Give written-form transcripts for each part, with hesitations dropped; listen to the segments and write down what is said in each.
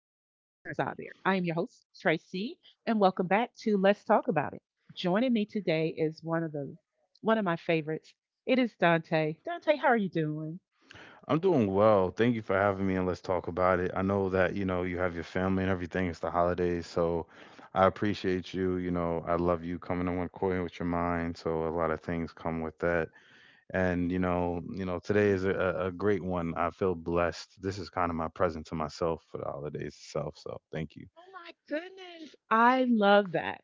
there. I am your host, Tracy, and welcome back to Let's Talk About It. Joining me today is one of my favorites. It is Dante. Dante, how are you doing? I'm doing well. Thank you for having me and let's talk about it. I know that, you know, you have your family and everything. It's the holidays, so I appreciate you. You know, I love you coming in one coin with your mind. So a lot of things come with that. And, you know, today Mhm. is a great one. I feel blessed. This is kind of my present to myself for the holidays itself. So thank you. Oh my goodness. I love that.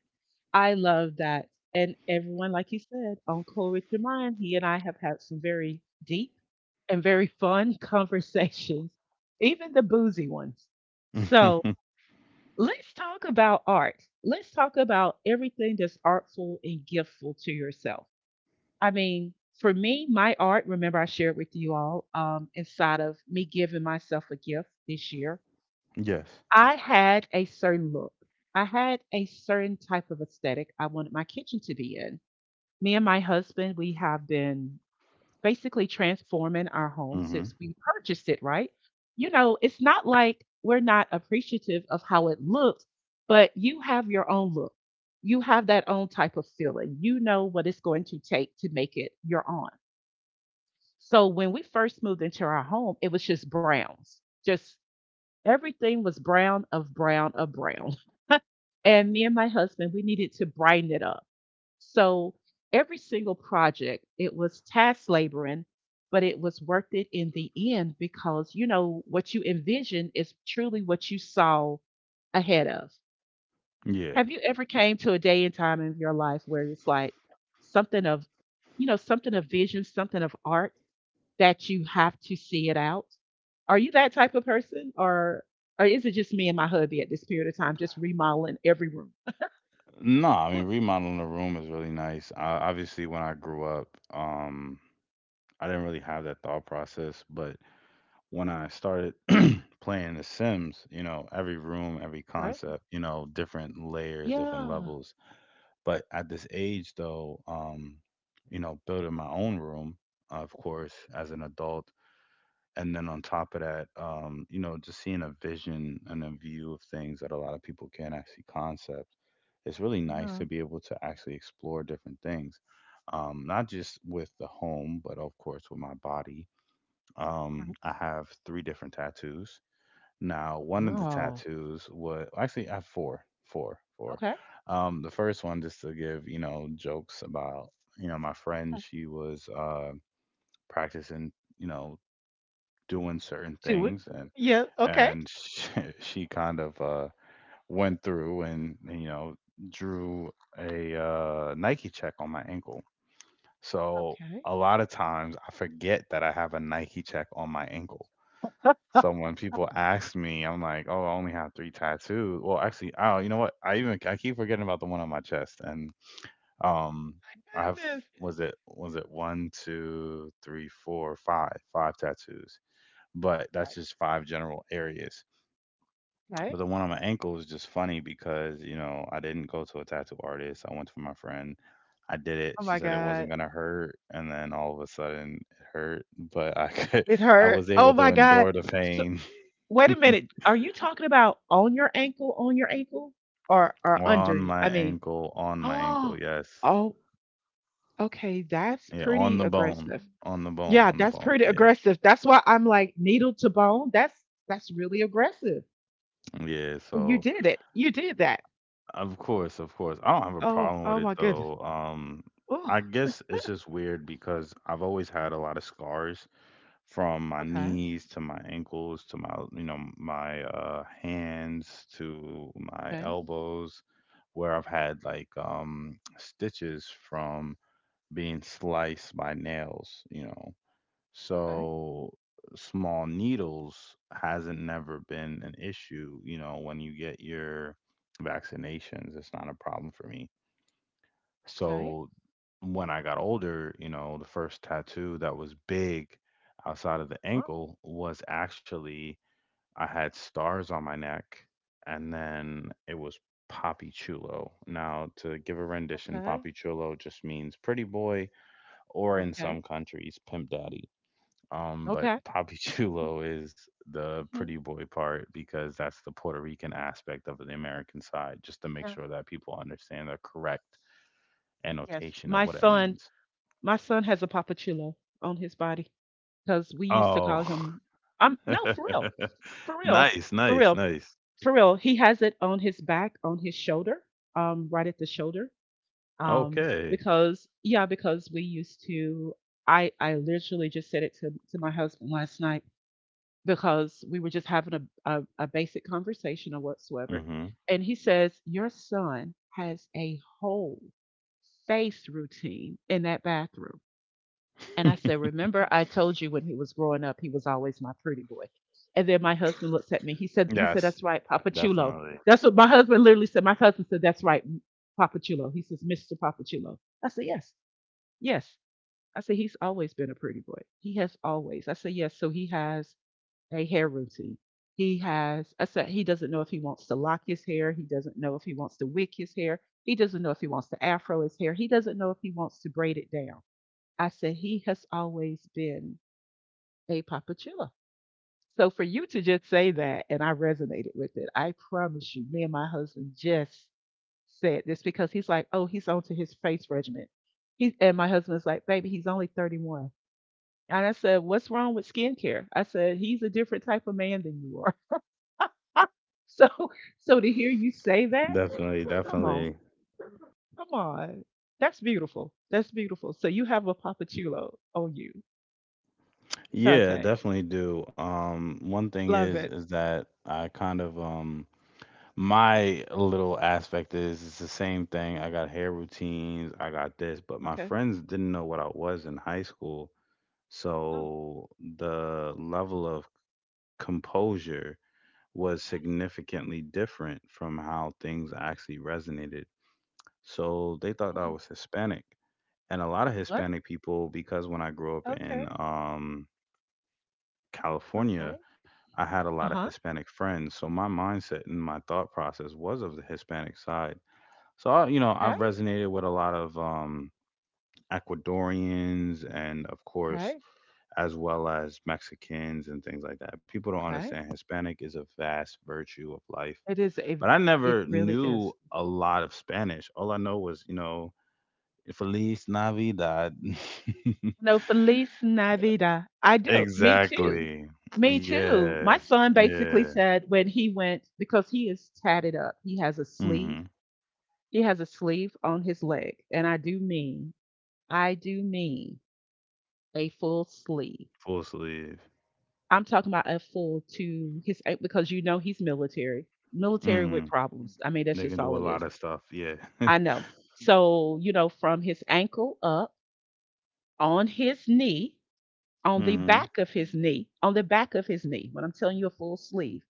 I love that. And everyone, like you said, on Cool with Your Mind, he and I have had some very deep and very fun conversations, even the boozy ones. So let's talk about art. Let's talk about everything that's artful and giftful to yourself. I mean, for me, my art, remember I shared with you all inside of me giving myself a gift this year. Yes. I had a certain look, I had a certain type of aesthetic I wanted my kitchen to be in. Me and my husband, we have been basically transforming our home Hmm. since we purchased it, right? You know, it's not like we're not appreciative of how it looks, but you have your own look. You have that own type of feeling. You know what it's going to take to make it your own. So when we first moved into our home, it was just browns. Just everything was brown of brown of brown. And me and my husband, we needed to brighten it up. So every single project, it was task laboring, but it was worth it in the end because you know what you envision is truly what you saw ahead of. Yeah. Have you ever came to a day and time in your life where it's like something of, you know, something of vision, something of art that you have to see it out? Are you that type of person, or is it just me and my hubby at this period of time, just remodeling every room? No, I mean What? remodeling the room is really nice. Obviously, when I grew up, um, I didn't really have that thought process, but when I started playing The Sims, you know, every room, every Okay. concept, you know, different layers, different Yeah. levels. But at this age, though, you know, building my own room, of course, as an adult, and then on top of that, you know, just seeing a vision and a view of things that a lot of people can't actually concept. It's really nice to No. be able to actually explore different things, not just with the home, but of course with my body. Okay. I have three different tattoos. Now, one of the Wow. tattoos was actually I have four. Okay. The first one, just to give you know jokes about you know my friend. Uh, She was practicing, you know, doing certain two. It. things and Yeah. Okay. and she, she kind of went through and you know drew a Nike check on my ankle. So Okay. a lot of times I forget that I have a Nike check on my ankle. So when people ask me, I'm like, "Oh, I only have 3 tattoos." Well, actually, oh, you know what? I keep forgetting about the one on my chest, and, um, I have, Goodness. was it one, 2, 3, 4, 5 tattoos, but that's Okay. just 5 general areas. Okay. But the one on my ankle is just funny because, you know, I didn't go to a tattoo artist. I went to my friend. I did Oh it. She my said it God. wasn't gonna hurt, and then all of a sudden it hurt, but I could It I hurt. was Oh able my to God. endure the So pain. wait a minute. Are you talking about on your ankle, or under? You? I mean, On my oh, ankle, yes. oh. Okay, that's Yeah, on pretty the bone, aggressive. Yeah, on the that's bone. pretty Yeah. aggressive. That's why I'm like needle to bone. That's really aggressive. Yeah, And you so did it. You did that. of course, of course. I don't have a Oh, problem with oh it my goodness. though. Oh, I guess it's just weird because I've always had a lot of scars from my okay, knees to my ankles to my, you know, my hands to my okay, elbows where I've had like stitches from being sliced by nails, you know. okay, So small needles hasn't never been an issue, you know, when you get your vaccinations, it's not a problem for me. okay, So when I got older, you know, the first tattoo that was big outside of the oh, ankle was actually I had stars on my neck and then it was Papi Chulo. Now, to give a rendition, okay, Papi Chulo just means pretty boy or in some okay, countries, pimp daddy. But okay. Papi Chulo is the pretty Hmm. boy part because that's the Puerto Rican aspect of the American side, just to make Yeah. sure that people understand the correct Yes, annotation of what it means. my son has a papachulo on his body because we used to call Oh, him. I'm no for real, for real, nice, for nice, real, nice. for real. He has it on his back, on his shoulder, right at the shoulder um, Okay. because yeah, because we used to. I literally just said it to my husband last night because we were just having a basic conversation or whatsoever, Hmm. and he says your son has a whole face routine in that bathroom. And I said, remember I told you when he was growing up, he was always my pretty boy. And then my husband looks at me. He said, Yes, that's right, Papa Chulo. definitely. That's what my husband literally said. My husband said, that's right, Papa Chulo. He says, Mr. Papa Chulo. I said, yes. Yes. I said, he's always been a pretty boy. He has always. I said, yes. So he has a hair routine. He has, I said, he doesn't know if he wants to lock his hair. He doesn't know if he wants to wick his hair. He doesn't know if he wants to afro his hair. He doesn't know if he wants to braid it down. I said, he has always been a papachilla. So for you to just say that, and I resonated with it, I promise you, me and my husband just said this because he's like, oh, he's onto his face regimen. He, and my husband's like, baby, he's only 31. And I said, what's wrong with skincare? I said, he's a different type of man than you are. So so to hear you say that, Definitely, come on, definitely. come on. That's beautiful. That's beautiful. So you have a papachulo on you, Yeah, Dante. definitely do. One thing Love is it. is that I kind of my little aspect is it's the same thing. I got hair routines, I got this, but my Okay. friends didn't know what I was in high school, Oh, so the level of composure was significantly different from how things actually resonated. So they thought I mm, was Hispanic. And a lot of what? Hispanic people, because when I grew up in Okay. Okay. California, I had a Uh lot of huh. Hispanic friends. So my mindset and my thought process was of the Hispanic side. You know, I've Okay. resonated with a lot of Ecuadorians and, of Okay. course, as well as Mexicans and things like that. People don't Okay. understand Hispanic is a vast virtue of life. It is a. But I It never really knew is. a lot of Spanish. All I know was, you know, Feliz Navidad. No, Feliz Navidad. I do. Me too. Exactly. Me too. Yeah. My son Yeah. basically said when he went, because he is tatted up, he has a sleeve. Hmm. He has a sleeve on his leg. And I do mean a full sleeve. Full sleeve. I'm talking about a full to his, eh, because you know he's military, military with Mhm. problems. I mean, that's They just can all do a it lot is. of stuff. Yeah. I know. So, you know, from his ankle up on his knee, Hmm. On the back of his knee, when I'm telling you a full sleeve,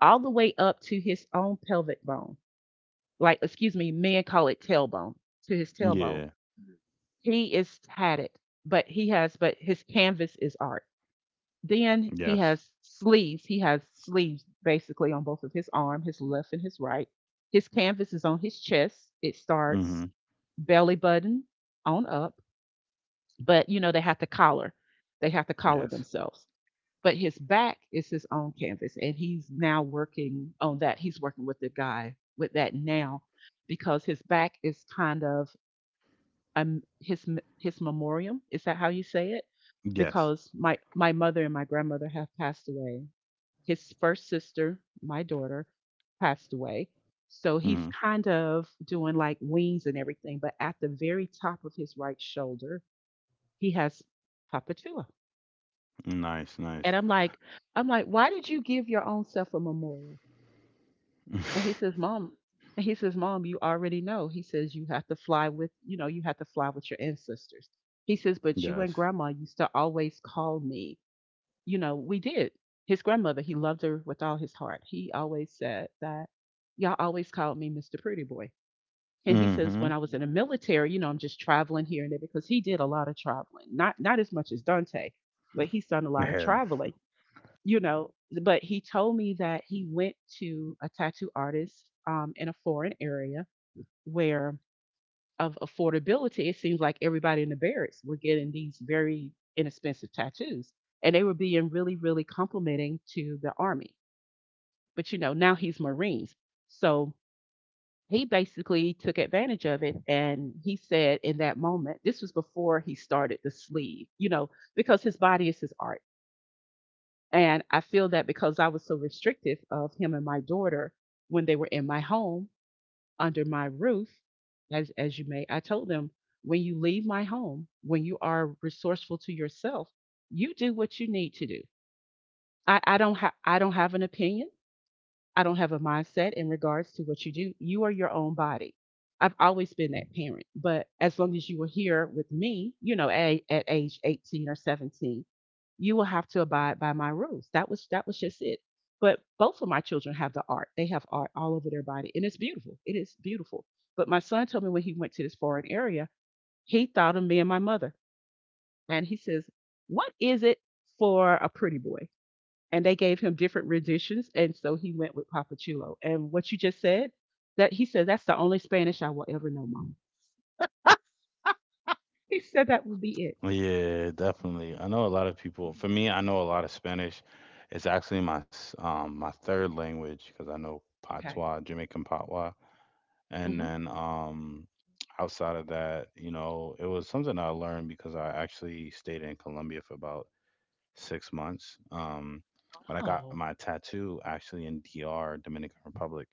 all the way up to his own pelvic bone. Like, excuse me, men call it tailbone, to his tailbone. Yeah. He is tatted, but he has, but his canvas is art. Then he Yes. has sleeves. He has sleeves basically on both of his arm, his left and his right. His canvas is on his chest. It starts Mhm. belly button on up, but you know, they have to collar. They have to collar Yes. themselves, but his back is his own canvas and he's now working on that. He's working with the guy with that now because his back is kind of um, his his memoriam, is that how you say it, Yes. because my mother and my grandmother have passed away, his first sister, my daughter, passed away, so he's Hmm. kind of doing like wings and everything, but at the very top of his right shoulder he has papatua. Nice, And nice. I'm like, why did you give your own self a memorial? And he says, Mom, Mom, you already know. He says you have to fly with, you know, you have to fly with your ancestors. He says, but you and Yes. grandma used to always call me. You know, we did. His grandmother, he loved her with all his heart. He always said that y'all always called me Mr. Pretty Boy. And he says when Hmm. I was in the military, you know, I'm just traveling here and there because he did a lot of traveling. Not as much as Dante, but he's done a lot of Head. traveling, you know, but he told me that he went to a tattoo artist in a foreign area where of affordability, it seems like everybody in the barracks were getting these very inexpensive tattoos. And they were being really, really complimenting to the army. But you know, now he's Marines. So he basically took advantage of it and he said in that moment, this was before he started the sleeve, you know, because his body is his art. And I feel that because I was so restrictive of him and my daughter when they were in my home under my roof, as you may, I told them, when you leave my home, when you are resourceful to yourself, you do what you need to do. I, I don't have an opinion. I don't have a mindset in regards to what you do. You are your own body. I've always been that parent, but as long as you were here with me, you know, at age 18 or 17, you will have to abide by my rules. That was just it. But both of my children have the art. They have art all over their body, and it's beautiful. It is beautiful. But my son told me when he went to this foreign area, he thought of me and my mother, and he says, "What is it for a pretty boy?" And they gave him different renditions and so he went with papachulo, and what you just said, that, he said that's the only Spanish I will ever know, Mom. He said that would be it. Yeah, definitely. I know a lot of people. For me, Mm-hmm. I know a lot of Spanish. It's actually my my third language because I know Okay. Patois, Jamaican Patois, and Hmm. then outside of that, you know, it was something I learned because I actually stayed in Colombia for about 6 months. But I got Oh, my tattoo actually in DR, Dominican Republic.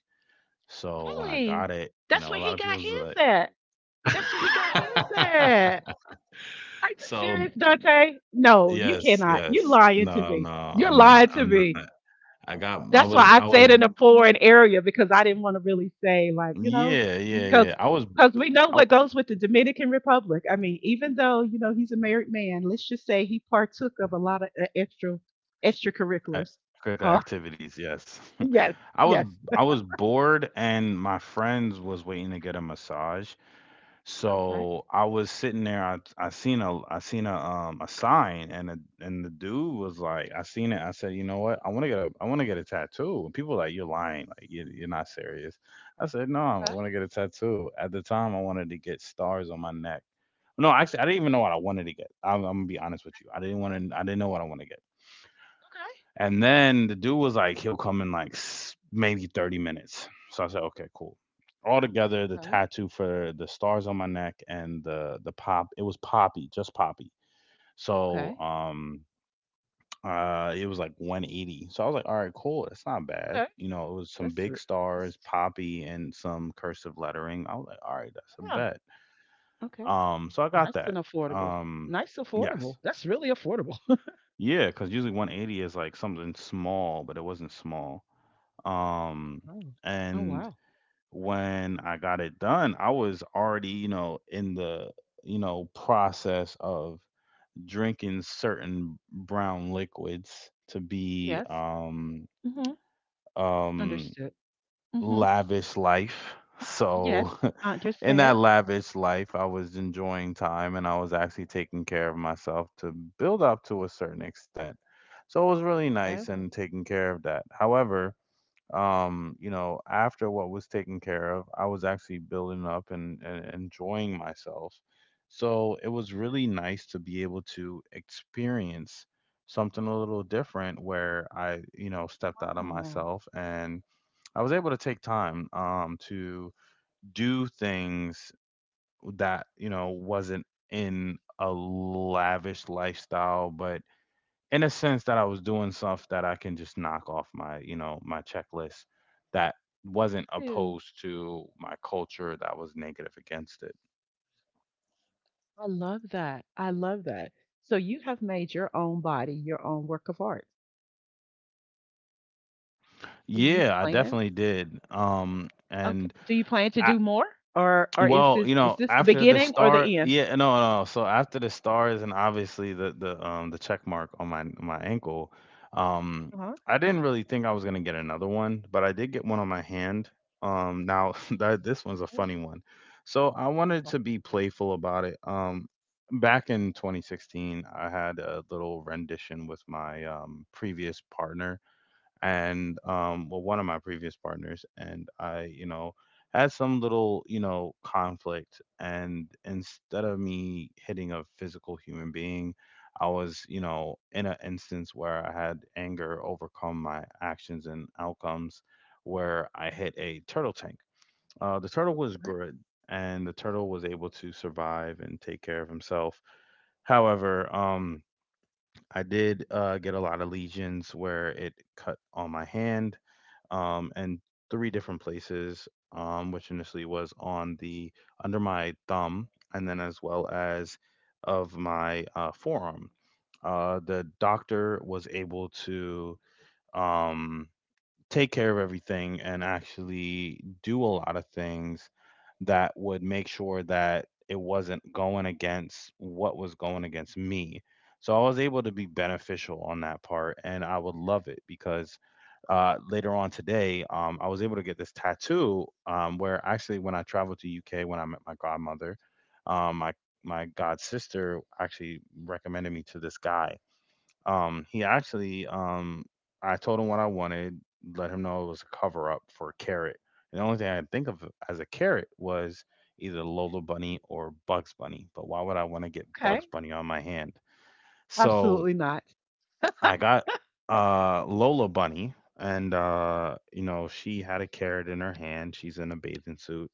So when I really. got it, you That's know, a where lot he of got people's like, his at. That's where he got his at. Are you so serious, Dante? No, you yes, cannot. You are yes, lying to me. no, no, You're I'm lying not, to I'm me. not. I got, That's why I I said was, in a foreign area because I didn't want to really say like, you know, yeah, yeah, because yeah. Because we know I, what goes with the Dominican Republic. I mean, even though you know he's a married man, let's just say he partook of a lot of I- extracurriculars. curricular Uh, activities, yes. yes, I was, yes. I was bored, and my friends was waiting to get a massage. Okay. So I was sitting there. I seen a sign, and the dude was like, I seen it. I said, you know what? I want to get a I want to get a tattoo. And people were like, you're lying. Like you're not serious. I said, no, I Okay. want to get a tattoo. At the time, I wanted to get stars on my neck. No, actually, I didn't even know what I wanted to get. I'm gonna be honest with you. I didn't want to. I didn't know what I want to get. And then the dude was like, he'll come in like maybe 30 minutes. So I said, okay, cool. Altogether, the Okay. Okay. tattoo for the stars on my neck and the pop, it was poppy, just poppy. So Okay. um uh it was like 180. So I was like, all right, cool. It's not bad. Okay. You know, it was some That's big r- stars, that's poppy, and some cursive lettering. I was like, all right, that's a yeah. bet. Okay. So I got Nice that. and affordable. Um, Nice yes. affordable. That's really affordable. Yeah, because usually 180 is like something small, but it wasn't small. Um, Oh. Oh and wow. when I got it done, I was already, you know, in the, you know, process of drinking certain brown liquids to be Yes. Mhm. um Understood. Mhm. lavish life. Yes, So I in that understand. lavish life, I was enjoying time and I was actually taking care of myself to build up to a certain extent. So it was really Okay. nice and Right. taking care of that. However, you know after what was taken care of I was actually building up and enjoying myself, so it was really nice to be able to experience something a little different where I you know stepped out of Wow. myself and I was able to take time to do things that you know wasn't in a lavish lifestyle but in a sense that I was doing stuff that I can just knock off my, you know, my checklist that wasn't Phew. opposed to my culture that was negative against it. I love that. I love that. So you have made your own body your own work of art. Do you Yeah, I plan? definitely did. Okay. And Do you plan to I do more, or is Well, you know, this the after the beginning or star, the end? yeah, no, no. So after the stars and obviously the check mark on my ankle, um, Uh-huh. I didn't really think I was gonna get another one, but I did get one on my hand. Now that this one's a Mm, funny one. So I wanted to be playful about it. Back in 2016, I had a little rendition with my previous partner and well one of my previous partners and I you know had some little you know conflict and instead of me hitting a physical human being I was you know in an instance where I had anger overcome my actions and outcomes where I hit a turtle tank. The turtle was right. good and the turtle was able to survive and take care of himself, however, I did get a lot of lesions where it cut on my hand, in three different places, which initially was on the under my thumb and then as well as of my forearm. The doctor was able to, um, take care of everything and actually do a lot of things that would make sure that it wasn't going against what was going against me. So I was able to be beneficial on that part, and I would love it because later on today, I was able to get this tattoo. Where actually, when I traveled to UK, when I met my godmother, um, my my god sister actually recommended me to this guy, he actually, I told him what I wanted, let him know it was a cover up for a carrot. And the only thing I could think of as a carrot was either Lola Bunny or Bugs Bunny. But why would I want to get Okay. Bugs Bunny on my hand? So Absolutely not. I got Lola Bunny, and you know she had a carrot in her hand. She's in a bathing suit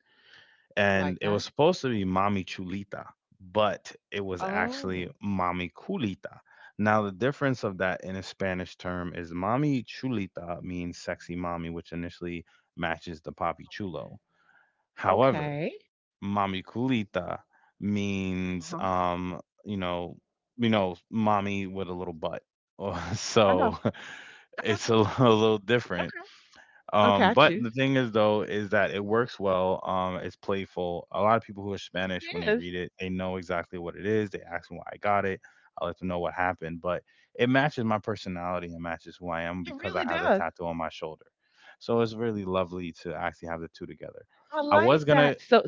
I like and it was that. supposed to be "mami Chulita," but it was actually Oh. "mami Culita." Now, the difference of that in a Spanish term is "mami Chulita" means sexy mommy, which initially matches the Papi Chulo. However, Okay. "mami Culita" Uh means, huh. Mommy with a little butt. I know. So I know. it's a little different. Okay. Okay. I But the choose. thing is though is that it works well. It's playful. A lot of people who are Spanish when It they is. read it, they know exactly what it is. They ask me why I got it. I let them know what happened, but it matches my personality and matches who I am It because I really have the does. tattoo on my shoulder. So it's really lovely to actually have the two together. I I was like gonna, that. So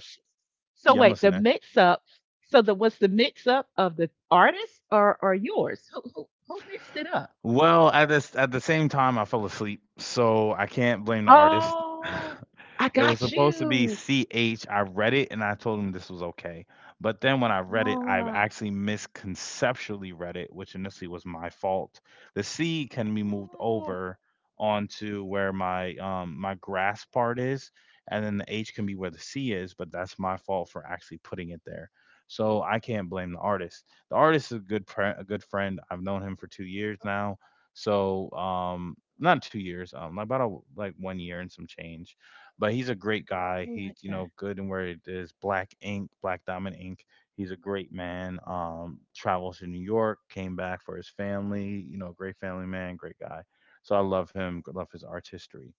So yeah, I'm wait, the listening. mix up. So the what's the mix up of the artist or yours? Who mixed it up? Well, at the same time, I fell asleep, so I can't blame the artist. Oh, I It was got supposed to be you. CH. I read it and I told him this was okay. But then when I read it, I Ah, actually misconceptually read it, which initially was my fault. The C can be moved oh, over onto where my my grass part is, and then the H can be where the C is, but that's my fault for actually putting it there. So I can't blame the artist. The artist is a good a good friend. I've known him for 2 years now. So not 2 years, about like one year and some change. But he's a great I guy. He's like you that. know good in where it is. Black Ink, Black Diamond Ink. He's a great man. Travels to New York, came back for his family. You know, great family man, great guy. So I love him. Love his art history.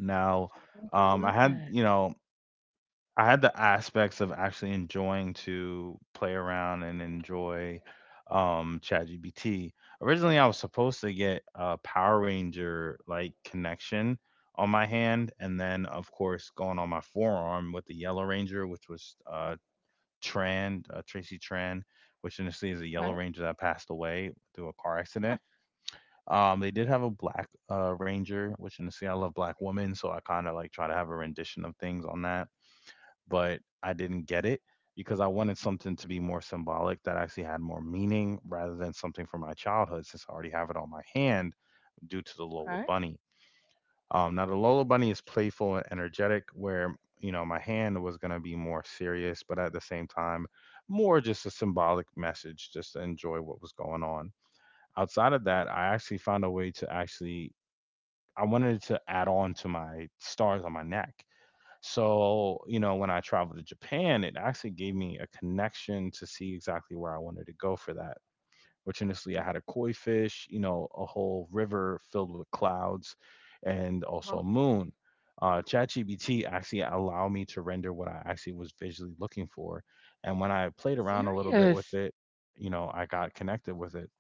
Now, I I love had that. you know I had the aspects of actually enjoying to play around and enjoy ChatGPT. Originally, I was supposed to get a Power Ranger like connection on my hand, and then of course going on my forearm with the Yellow Ranger, which was Tracy Tran, which initially is a Okay. Yellow Ranger that passed away through a car Yes. accident. They did have a black ranger, which initially I love black women, so I kind of like try to have a rendition of things on that but I didn't get it because I wanted something to be more symbolic that actually had more meaning rather than something from my childhood since I already have it on my hand due to the Okay. Lola Bunny. Now, the Lola Bunny is playful and energetic, where, you know, my hand was going to be more serious, but at the same time, more just a symbolic message just to enjoy what was going on. Outside of that, I actually found a way to actually, I wanted to add on to my stars on my neck so, you know, when I traveled to Japan, it actually gave me a connection to see exactly where I wanted to go for that. Fortunously, I had a koi fish, you know, a whole river filled with clouds and Huh? also a moon. ChatGPT actually allowed me to render what I actually was visually looking for. And when I played around a little bit with Serious. it, you know, I got connected with it.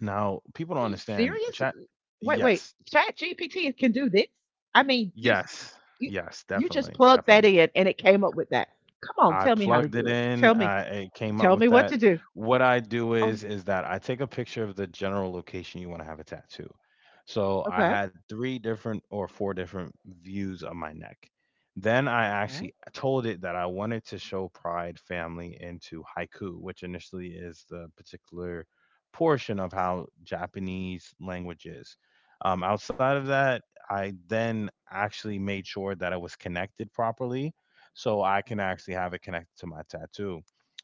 Now, people Are don't you understand. serious? Chat, Wait, wait. yes, Chat GPT can do this? I mean, just yes, you yes, you just definitely, plugged that definitely. in and it came up with that. Come on, I tell me how to plugged it do it. in, Tell me. It came up Tell me with what that. to do. What I do is that I take a picture of the general location you want to have a tattoo. So I Okay. had 3 different or 4 different views of my neck. Then I Okay. actually told it that I wanted to show pride, family, into haiku, which initially is the particular portion of how Japanese language is. Outside of that, I then actually made sure that it was connected properly so I can actually have it connected to my tattoo.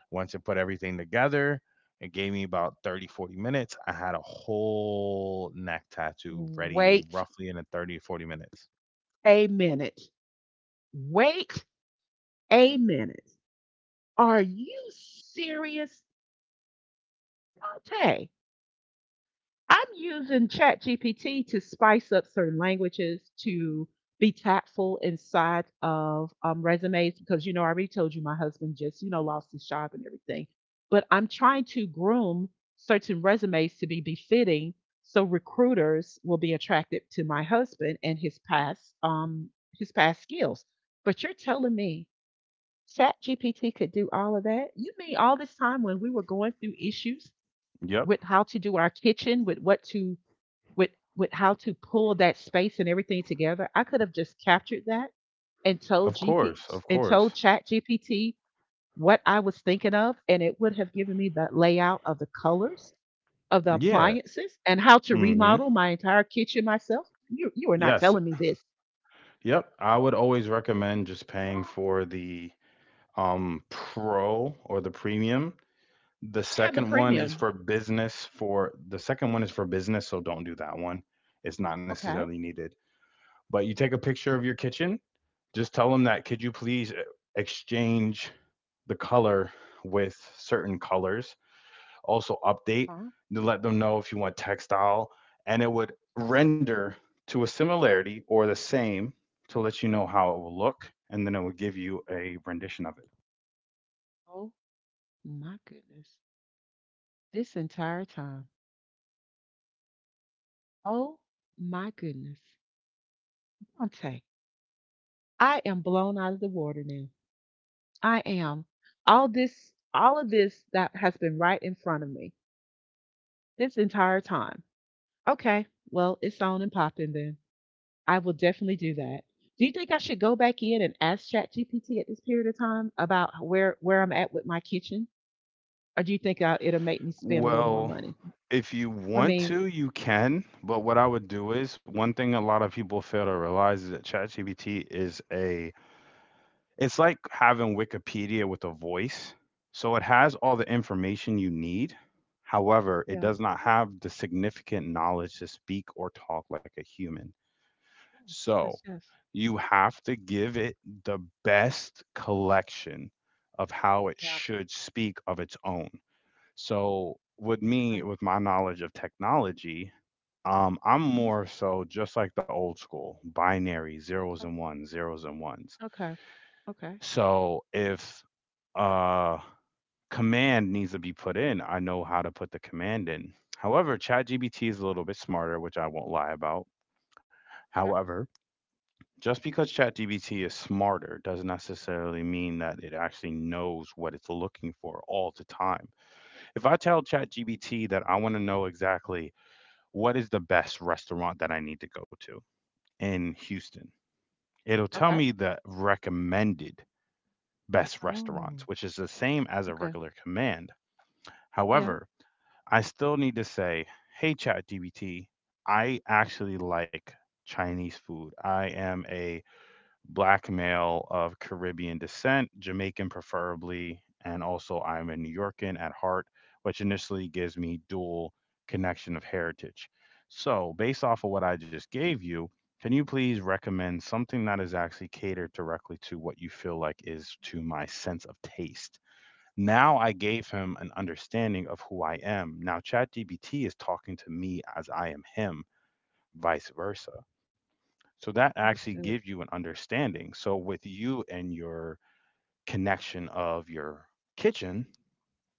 Once it put everything together, it gave me about 30, 40 minutes. I had a whole neck tattoo ready Wait roughly in a 30, 40 minutes. a minute. Wait a minute. Are you serious, Dante? I'm using ChatGPT to spice up certain languages to be tactful inside of resumes because I already told you my husband just lost his job and everything, but I'm trying to groom certain resumes to be befitting so recruiters will be attracted to my husband and his past skills. But you're telling me ChatGPT could do all of that? You mean all this time when we were going through issues Yep. with how to do our kitchen, with what to with with how to pull that space and everything together, I could have just captured that and told Of GP course. Of and told course. Chat GPT what I was thinking of, and it would have given me the layout of the colors of the Yeah. appliances and how to Hmm. remodel my entire kitchen myself. You are not Yes. telling me this. Yep. I would always recommend just paying "Oh, for the pro or the premium. The I have the second one is premium. for business for the second one is for business, so don't do that one. It's not Okay. necessarily needed. But you take a picture of your kitchen, just tell them that could you please exchange the color with certain colors? Also update Huh? to let them know if you want textile and it would Plus, render to a similarity or the same to let you know how it will look and then it will give you a rendition of it. oh my goodness. This entire time. Oh my goodness. Dante, I am blown out of the water now. I am. All this, all of this that has been right in front of me this entire time. Okay, well, it's on and popping then. I will definitely do that. Do you think I should go back in and ask ChatGPT at this period of time about where I'm at with my kitchen, or do you think it'll make me spend a little more Well, money? if you I want mean, to, you can. But what I would do is one thing a lot of people fail to realize is that ChatGPT is a. It's like having Wikipedia with a voice. So it has all the oh, information you need. However, it yeah. does not have the significant knowledge to speak or talk like a human. Yes. So Yes. Yes. you have to give it the best collection of how it Yeah. should speak of its own. So, with me, Okay. with my knowledge of technology, I'm Mhm. more so just like the old school binary zeros and Oh, ones, zeros and ones. okay, okay, So, if uh, command needs to be put in, I know how to put the command in. However, ChatGPT is a little bit smarter, which I won't lie about. okay. However, just because ChatGPT is smarter doesn't necessarily mean that it actually knows what it's looking for all the time. If I tell ChatGPT that I want to know exactly what is the best restaurant that I need to go to in Houston, it'll tell Okay. me the recommended best Oh. restaurants, which is the same as a Okay. regular command. Yeah. However, I still need to say, hey, ChatGPT, I actually like Chinese food. I am a black male of Caribbean descent, Jamaican preferably, and also I'm a New Yorkan at heart, which initially gives me dual connection of heritage. So, based off of what I just gave you, can you please recommend something that is actually catered directly to what you feel like is to my sense of taste? Now I gave him an understanding of who I am. Now ChatGPT is talking to me as I am him, vice versa. So that actually Understood. gives you an understanding. So with you and your connection of your kitchen,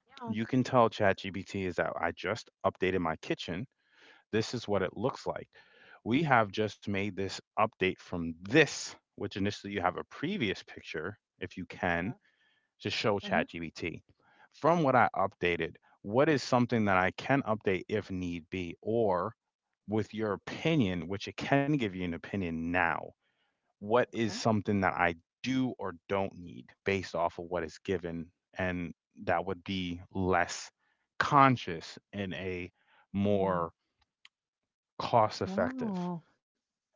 Yeah. you can tell ChatGPT is that I just updated my kitchen. This is what it looks like. We have just made this update from this, which initially you have a previous picture if you can Yeah. to show Hmm. ChatGPT. From what I updated, what is something that I can update if need be, or with your opinion, which it can give you an opinion now, what is Okay. something that I do or don't need based off of what is given? And that would be less conscious and a Oh, more cost effective wow.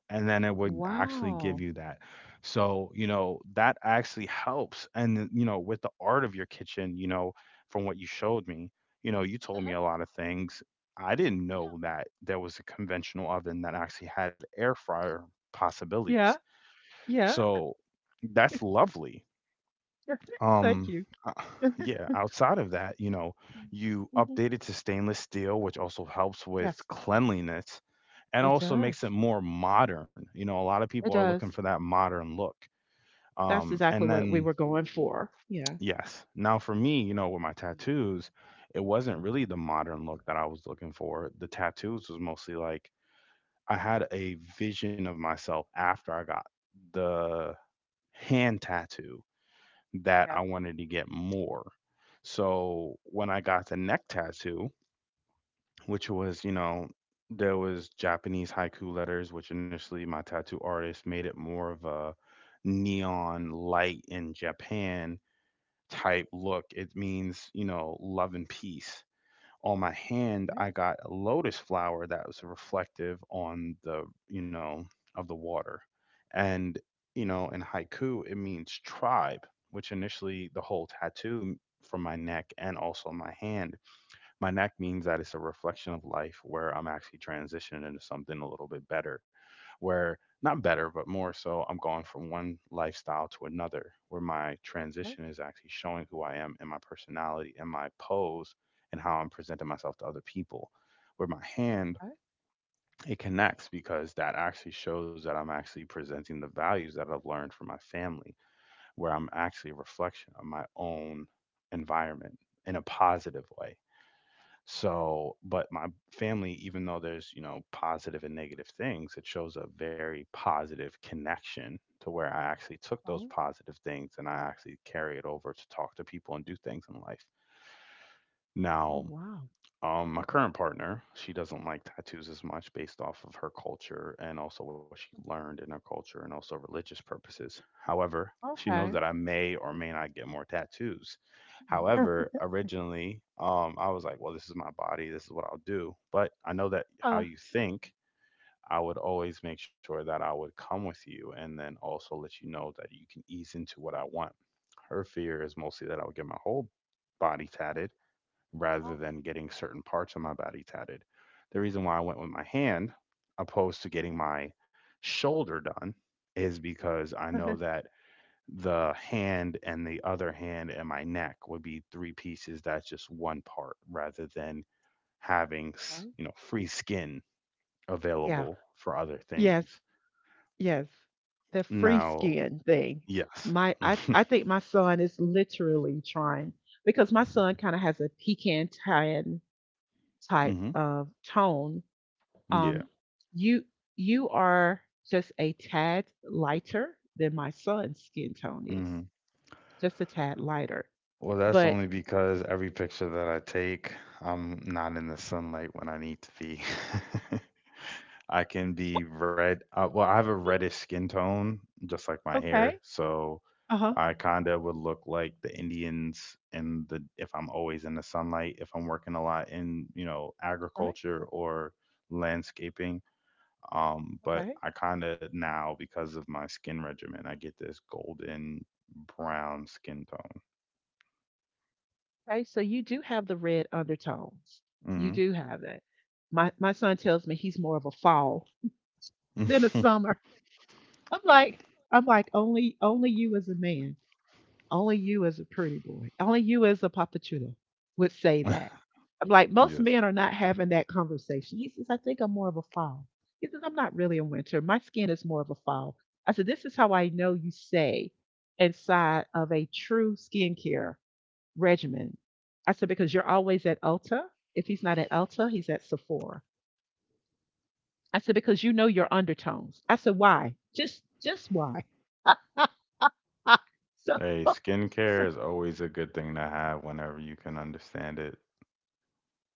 and then it would actually give Wow. you that. So, you know, that actually helps. And, you know, with the art of your kitchen, you know, from what you showed me, you know, you told Uh-huh. me a lot of things. I didn't Yeah. know that there was a conventional oven that actually had air fryer Yeah, possibilities. yeah. So that's lovely. Thank Um, you. uh, yeah, outside of that, you know, you Mm-hmm. updated to stainless steel, which also helps with Yes, cleanliness and it also makes it does. more modern. You know, a lot of people It are looking for does. that modern look. That's And exactly what we then, were going for. Yeah. yes, now for me, you know, with my tattoos, it wasn't really the modern look that I was looking for. The tattoos was mostly like I had a vision of myself after I got the hand tattoo that Yeah. I wanted to get more. So when I got the neck tattoo, which was, you know, there was Japanese haiku letters, which initially my tattoo artist made it more of a neon light in Japan type look. It means, you know, love and peace. On my hand, Right, I got a lotus flower that was reflective on the, you know, of the water. And, you know, in haiku, it means tribe, which initially the whole tattoo from my neck and also my hand my neck means that it's a reflection of life where I'm actually transitioning into something a little bit better, where not better, but more so I'm going from one lifestyle to another, where my right, transition is actually showing who I am and my personality and my pose and how I'm presenting myself to other people. Where my hand, right, it connects because that actually shows that I'm actually presenting the values that I've learned from my family, where I'm actually a reflection of my own environment in a positive way. So, but my family, even though there's, positive and negative things, it shows a very positive connection to where I actually took those right. positive things and I actually carry it over to talk to people and do things in life. Oh, Now, wow. My current partner, she doesn't like tattoos as much based off of her culture and also what she learned in her culture and also religious purposes. However, she knows Okay. that I may or may not get more tattoos. However, originally, I was like, well, this is my body, this is what I'll do. But I know that how Uh, you think, I would always make sure that I would come with you and then also let you know that you can ease into what I want. Her fear is mostly that I would get my whole body tatted rather oh, than getting certain parts of my body tatted. The reason why I went with my hand opposed to getting my shoulder done is because I know that the hand and the other hand and my neck would be three pieces that's just one part rather than having, right. Free skin Yeah. available for other Yes. things. Yes. The free Now, skin thing. yes. I, I think my son is literally trying because my son kind of has a pecan tan type Hmm. of tone, um, Yeah. you you are just a tad lighter than my son's skin tone is, Hmm. just a tad lighter. Well, that's But only because every picture that I take, I'm not in the sunlight when I need to be. I can be red. Well, I have a reddish skin tone, just like my okay, hair. So uh huh, I kind of would look like the Indians in the if I'm always in the sunlight, if I'm working a lot in, okay, agriculture or landscaping. But okay, I kind of now, because of my skin regimen, I get this golden brown skin okay. So you do have the red undertones. You tone. do have that. My son tells me he's more of a fall than a Hmm. summer. I'm like I'm like only you as a man. Only you as a pretty boy, only you as a papachulo would say that. I'm like, most Yes. men are not having that conversation. He says, I think I'm more of a fall. He says, I'm not really a winter. My skin is more of a fall. I said, this is how I know you say inside of a true skincare regimen. I said, because you're always at Ulta. If he's not at Ulta, he's at Sephora. I said, because you know your undertones. I said, why? Just why? So Hey, skincare is always a good thing to have whenever you can understand it.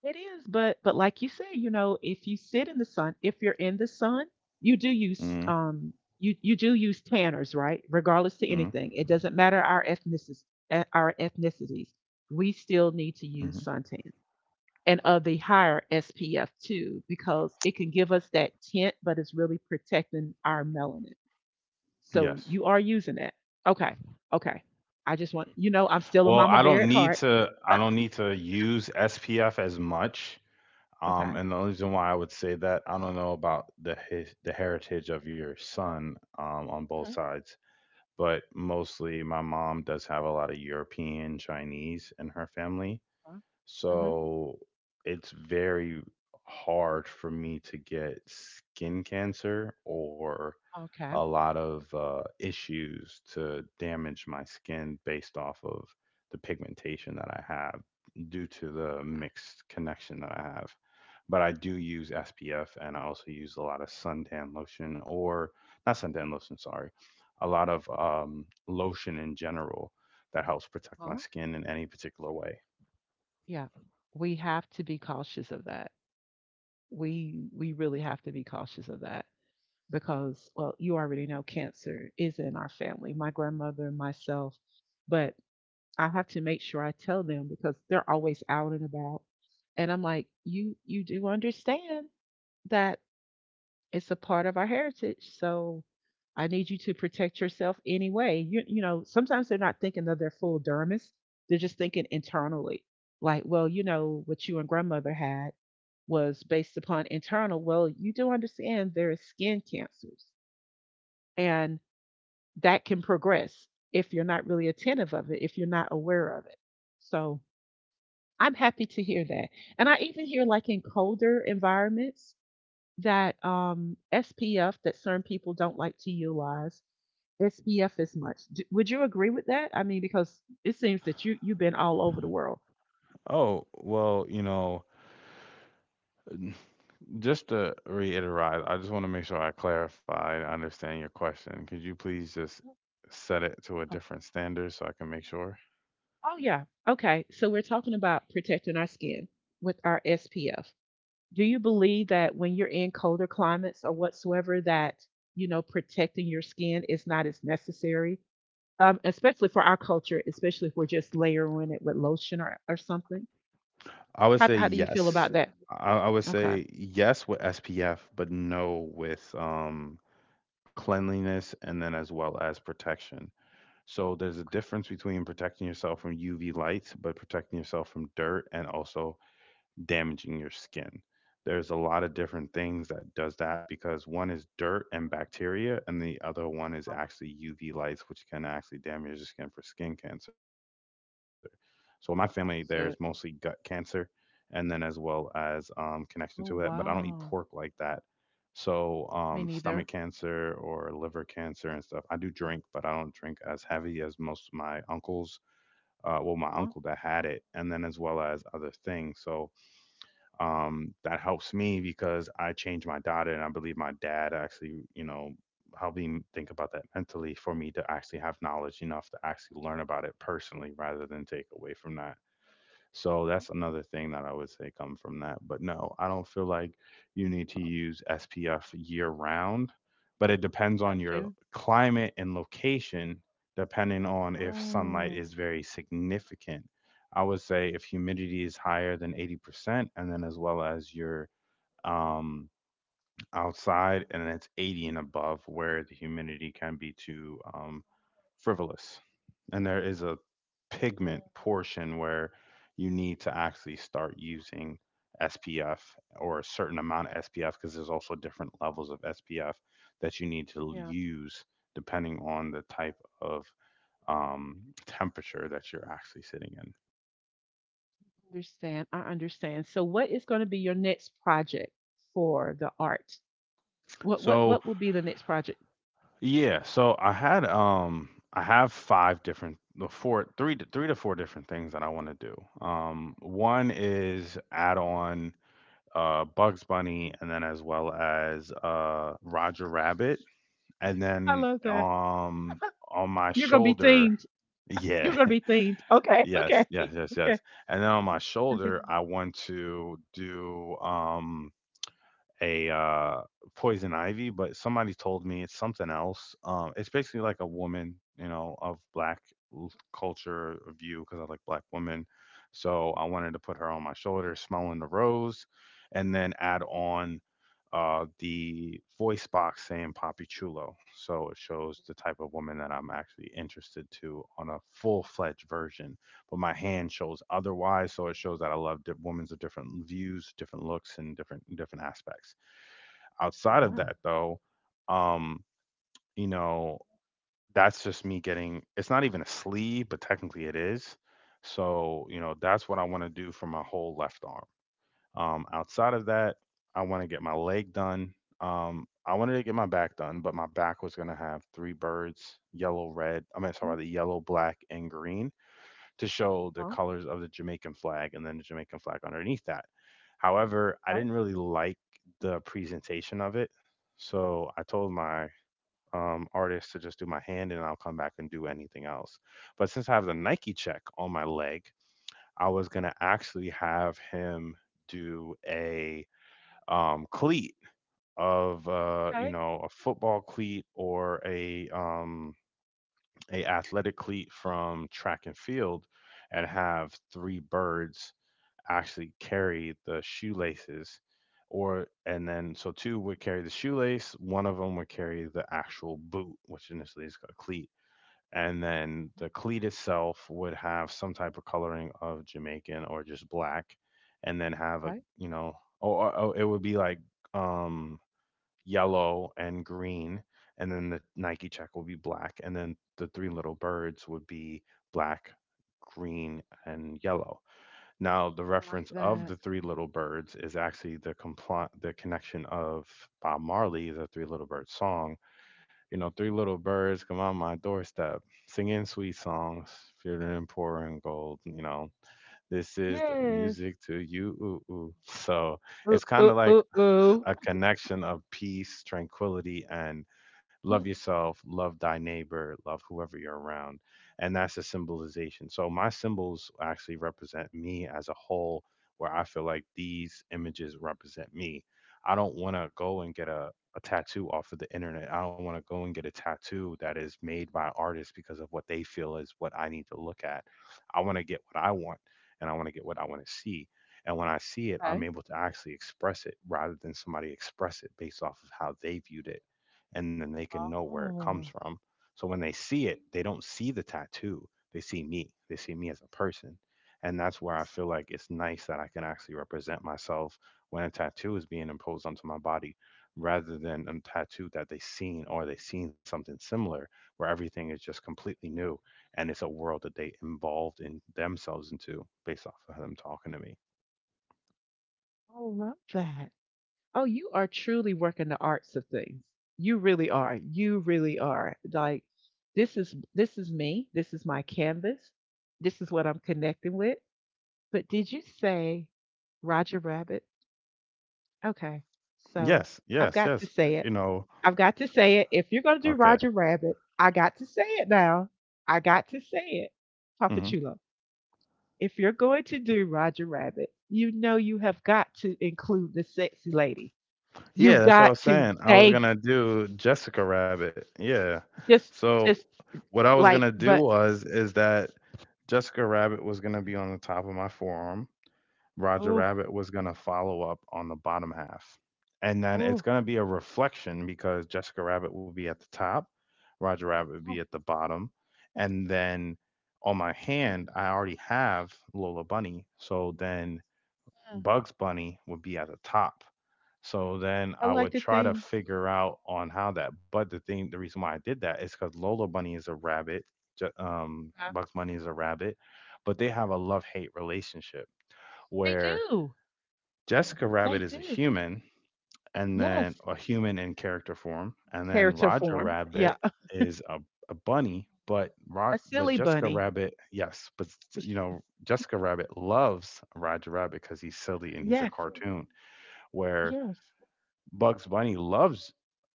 it is, but like you say, you know, if you sit in the sun, if you're in the sun, you do Mm. use you do use tanners, Mm. right? Regardless to anything, it doesn't matter our ethnicities, eh, our ethnicities, we still need Hmm. to use suntan and of the higher SPF too, because it can give us that tint, but it's really protecting our melanin. So Yes. you are using that. Okay, okay. I just want you know I'm still a Well, mama bear at heart. I don't need to use SPF as much. Okay. And the only reason why I would say that, I don't know about the heritage of your son on both Mm-hmm. sides, but mostly my mom does have a lot of European, Chinese in her family. Mm-hmm. So it's very hard for me to get skin cancer or Okay. Okay. a lot of issues to damage my skin based off of the pigmentation that I have due to the mixed connection that I have. But I do use SPF and I also use a lot of suntan lotion or not suntan lotion, sorry, a lot of lotion in general that helps protect my Uh-huh. skin in any particular way. Yeah. We have to be cautious of that. We really have to be cautious of that because well, you already know cancer is in our family, my grandmother, myself, but I have to make sure I tell them because they're always out and about. And I'm like, "You do understand that it's a part of our heritage. So I need you to protect yourself anyway. You know, sometimes they're not thinking of their full dermis. They're just thinking internally. Like, well, you know, what you and grandmother had was based upon internal. Well, you do understand there is skin cancers and that can progress if you're not really attentive of it, if you're not aware of it. So I'm happy to hear that. And I even hear like in colder environments, that SPF that certain people don't like to utilize. SPF is much. D would you agree with that? I mean, because it seems that you've been all over the world. Oh, well, just to reiterate, I just want to make sure I clarify and understand your question. Could you please just Oh, set it to a wow. different standard so I can make sure? Oh, yeah. Okay. So we're talking about protecting our skin with our SPF. Do you believe that when you're in colder climates or whatsoever that, you know, protecting your skin is not as necessary especially for our culture, especially if we're just layering it with lotion, or something. I would say How do you feel yes. about that? I would Okay. Okay. say yes with SPF, but no with cleanliness and then as well as protection. So there's a difference between protecting yourself from UV lights, but protecting yourself from dirt and also damaging your skin. There's a lot of different things that does that because one is dirt and bacteria, and the other one is Huh? actually UV lights, which can actually damage your skin for skin cancer. So in my family, there's mostly gut So, cancer, and then as well as connection to it. But oh I don't eat pork wow, like that, so, me stomach neither. cancer or liver cancer and stuff. I do drink, but I don't drink as heavy as most of my uncles. Well, my Huh? uncle that had it, and then as well as other things. So that helps me because I changed my diet, and I believe my dad actually, helped me think about that mentally for me to actually have knowledge enough to actually learn about it personally rather than take away from that. So that's Huh? another thing that I would say come from that. But no, I don't feel like you need to use SPF year round, but it depends on Got your you. climate and location, depending on if sunlight is Oh, very significant. I would say if humidity is higher than 80%, and then as well as your um outside and it's 80 and above where the humidity can be to frivolous. And there is a pigment portion where you need to actually start using SPF or a certain amount of SPF because there's also different levels of SPF that you need to yeah, use depending on the type of temperature that you're actually sitting in. understand. I understand. So what is going to be your next project for the art? What what So what will be the next project? yeah, so I have five different the four three to three to four different things that I want to do. One is add on Bugs Bunny, and then as well as Roger Rabbit, and I then love that. On my You're going to be shoulder, themed. You're yeah, going to be themed. Okay. yes, Okay. yes, yes, Okay. yes, and then on my Okay. shoulder, I want to do a poison ivy, but somebody told me it's something else. It's basically like a woman, of black l- culture view because I like black women. So I wanted to put her on my shoulder, smelling the rose, and then add on the voice box saying Papi Chulo. So it shows the type of woman that I'm actually interested to on a full fledged version. But my hand shows otherwise, so it shows that I love women's of different views, different looks, and different aspects Oh outside of wow. that though, um, you know, that's just me getting it's not even a sleeve, but technically it is. So, that's what I want to do for my whole left arm. Outside of that, I want to get my leg done. I wanted to get my back done, but my back was gonna have three birds, yellow, red. I mean, Mhm. sorry, the yellow, black, and green to show the Huh? colors of the Jamaican flag and then the Jamaican flag underneath that. However, I Okay. didn't really like the presentation of it. So I told my artist to just do my hand and I'll come back and do anything else. But since I have the Nike check on my leg, I was going to actually have him do a cleat of, Okay. A football cleat or a athletic cleat from track and field and have three birds actually carry the shoelaces or and then so two would carry the shoelace, one of them would carry the actual boot, which initially is a cleat, and then the cleat itself would have some type of coloring of Jamaican or just black, and then have a, Mhm. Oh, oh, oh, it would be like um yellow and green, and then the Nike check will be black, and then the three little birds would be black, green, and yellow. Now the I like reference of that. the three little birds is actually the connection of Bob Marley's The Three Little Birds song. Three little birds come on my doorstep, singing sweet songs, feeling and poor and gold, this is the Yes. music to you. Ooh, ooh. So Ooh, it's ooh, kind of ooh, like ooh. a connection of peace, tranquility, and love Mhm. yourself, love thy neighbor, love whoever you're around. And that's a symbolization. So my symbols actually represent me as a whole, where I feel like these images represent me. I don't want to go and get a tattoo off of the internet. I don't want to go and get a tattoo that is made by artists because of what they feel is what I need to look at. I want to get what I want and I want to get what I want to see. And when I see it, Okay. I'm able to actually express it rather than somebody express it based off of how they viewed it. And then they can know where it comes Oh, from. So when they see it, they don't see the tattoo, they see me as a person. And that's where I feel like it's nice that I can actually represent myself when a tattoo is being imposed onto my body rather than a tattoo that they've seen or they've seen something similar where everything is just completely new and it's a world that they involved in themselves into based off of them talking to me. I love that. Oh, you are truly working the arts of things. You really are. You really are. Like this is me. This is my canvas. This is what I'm connecting with. But did you say Roger Rabbit? Okay. So, Yes, I've yes, got to yes. Say it. You know, I've got to say it. If you're going to do okay. Roger Rabbit, I got to say it now. I got to say it. Papa Hmm. Chulo. If you're going to do Roger Rabbit, you know you have got to include the sexy lady. You've Yeah, that's what I got was to saying. I was they gonna do Jessica Rabbit. Yeah. just So just what I was like gonna do but was is that Jessica Rabbit was gonna be on the top of my forearm, Roger oh Rabbit was going to follow up on the bottom half. And then it's oh going to be a reflection because Jessica Rabbit will be at the top, Roger Rabbit would be oh. at the bottom. And then on my hand, I already have Lola Bunny. So then Mm. Bugs Bunny would be at the top. So then I I like would to try to think figure out on how that. But the thing, the reason why I did that is because Lola Bunny is a rabbit, uh, Bugs Bunny is a rabbit, but they have a love hate relationship they where do. Jessica Rabbit They is a do. human, and Yes. then a human in character form, and then Character Roger form. Yeah. Rabbit is a bunny. But A silly Jessica bunny. Rabbit, yes, but you know Jessica Rabbit loves Roger Rabbit because he's silly and he's a Yes. cartoon. Where Yes. Bugs Bunny loves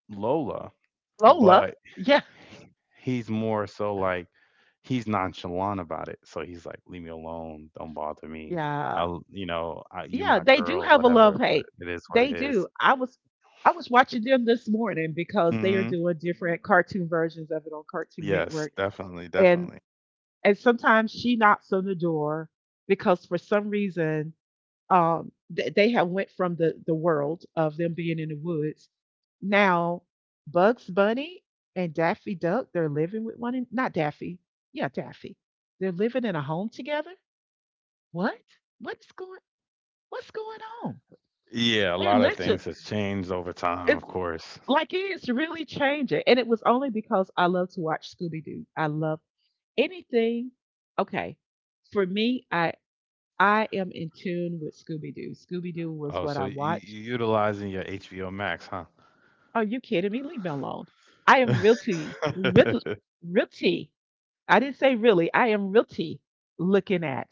Lola, Lola. but Yeah. he's more so like he's nonchalant about it. So he's like, "Leave me alone, don't bother me." Yeah. I, will I, you Yeah, my they do girl, have a love whatever. But hate. it is what it They do. is. I was watching them this morning because they are Mhm. doing different cartoon versions of it on Cartoon Yes, Network. definitely, And definitely. and sometimes she knocks on the door because for some reason they have went from the world of them being in the woods. Now Bugs Bunny and Daffy Duck, they're living with one in, not Daffy. Yeah, Daffy. They're living in a home together? What? What's going what's going on? Yeah, a They're lot of literally things has changed over time, it's of course. like it's really changing. And it was only because I love to watch Scooby Doo. I love anything. Okay. For me, I am in tune with Scooby Doo. Scooby Doo was Oh, what so I you watched. you utilizing your HBO Max, huh? Are you kidding me? Leave me alone. I am realty, realty, I didn't say really. I am realty looking at.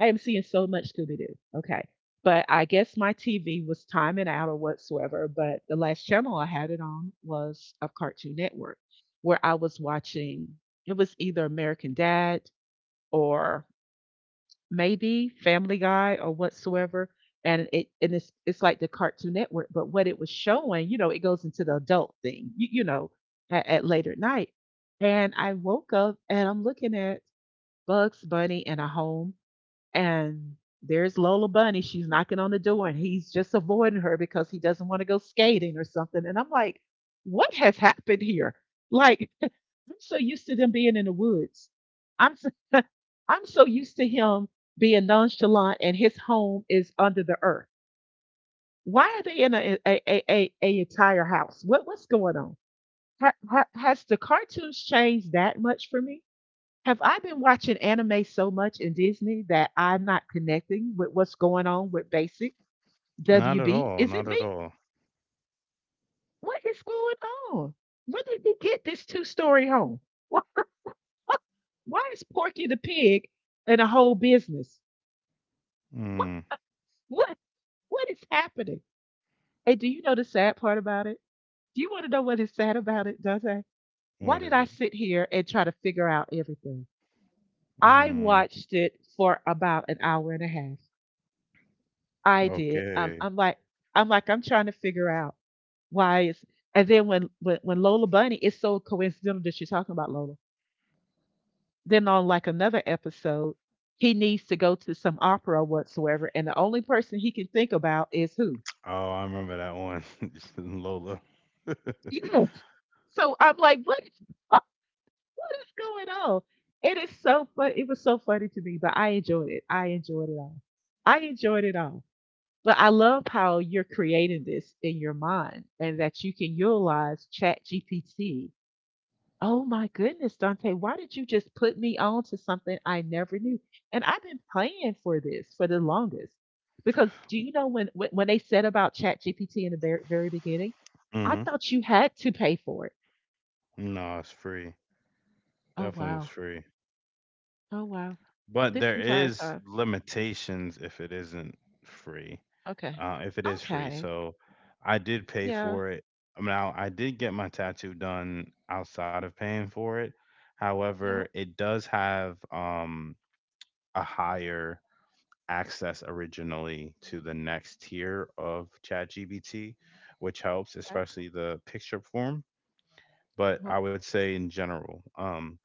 I am seeing so much Scooby Doo. Okay. But I guess my TV was timing out or whatsoever. But the last channel I had it on was of Cartoon Network, where I was watching, it was either American Dad or maybe Family Guy or whatsoever. And it's like the Cartoon Network, but what it was showing, you know, it goes into the adult thing, you know, at later at night. And I woke up and I'm looking at Bugs Bunny in a home, and there's Lola Bunny. She's knocking on the door, and he's just avoiding her because he doesn't want to go skating or something. And I'm like, what has happened here? Like, I'm so used to them being in the woods. I'm so, I'm so used to him being nonchalant, and his home is under the earth. Why are they in a entire house? What's going on? Has the cartoons changed that much for me? Have I been watching anime so much in Disney that I'm not connecting with what's going on with Basic? Not at WB, all, is not it at me? all. What is going on? Where did they get this two-story home? Why, why is Porky the Pig in a whole business? What, Mm, what, what is happening? And do you know the sad part about it? Do you want to know what is sad about it, Dante? Why what did is I it? sit here and try to figure out everything? I Mm, watched it for about an hour and a half. I did. Okay. I'm like, I'm trying to figure out why it's. And then when Lola Bunny, it's so coincidental that you're talking about Lola. Then on like another episode, he needs to go to some opera whatsoever, and the only person he can think about is who. Oh, I remember that one, Lola. So I'm like, what is going on? It is so fun. It was so funny to me, but I enjoyed it. I enjoyed it all. I enjoyed it all. But I love how you're creating this in your mind and that you can utilize Chat GPT. Oh my goodness, Dante, why did you just put me on to something I never knew? And I've been playing for this for the longest. Because do you know when they said about Chat GPT in the very, very beginning? I Hmm. thought you had to pay for it. No, it's free. Oh Definitely was wow. free. Oh wow. But This there entire is time. limitations if it isn't free. Okay. If it is free. Okay. So I did pay Yeah. for it. Now I did get my tattoo done outside of paying for it. Yeah. However, it does have a higher access originally to the next tier of ChatGPT, which helps, Okay. especially the picture form. But Uh-huh. I would say in general, um,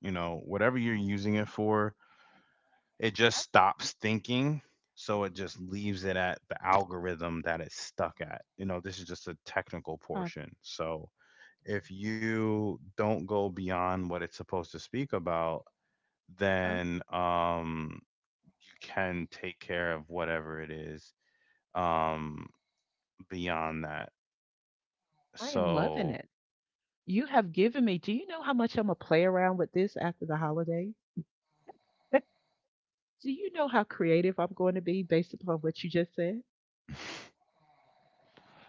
you know, whatever you're using it for, it just stops thinking, so it just leaves it at the algorithm that it's stuck at. This is just a technical Yeah. portion. So if you don't go beyond what it's supposed to speak about, Yeah. then you can take care of whatever it is um beyond that. I am loving it. So You have given me. Do you know how much I'm gonna play around with this after the holidays? But do you know how creative I'm going to be based upon what you just said?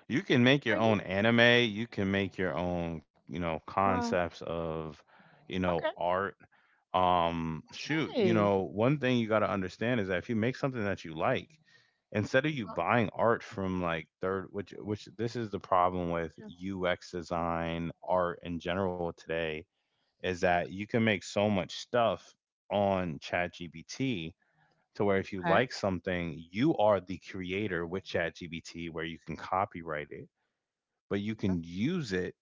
you can make Are your you? own anime, you can make your own Wow. concepts of Okay. art. Shoot, Hey. One thing you got to understand is that if you make something that you like, instead of you Well, buying art from like third, which this is the problem with yeah. UX design art in general today, is that you can make so much stuff on ChatGPT to where if you Okay. like something, you are the creator with ChatGPT where you can copyright it, but you can use it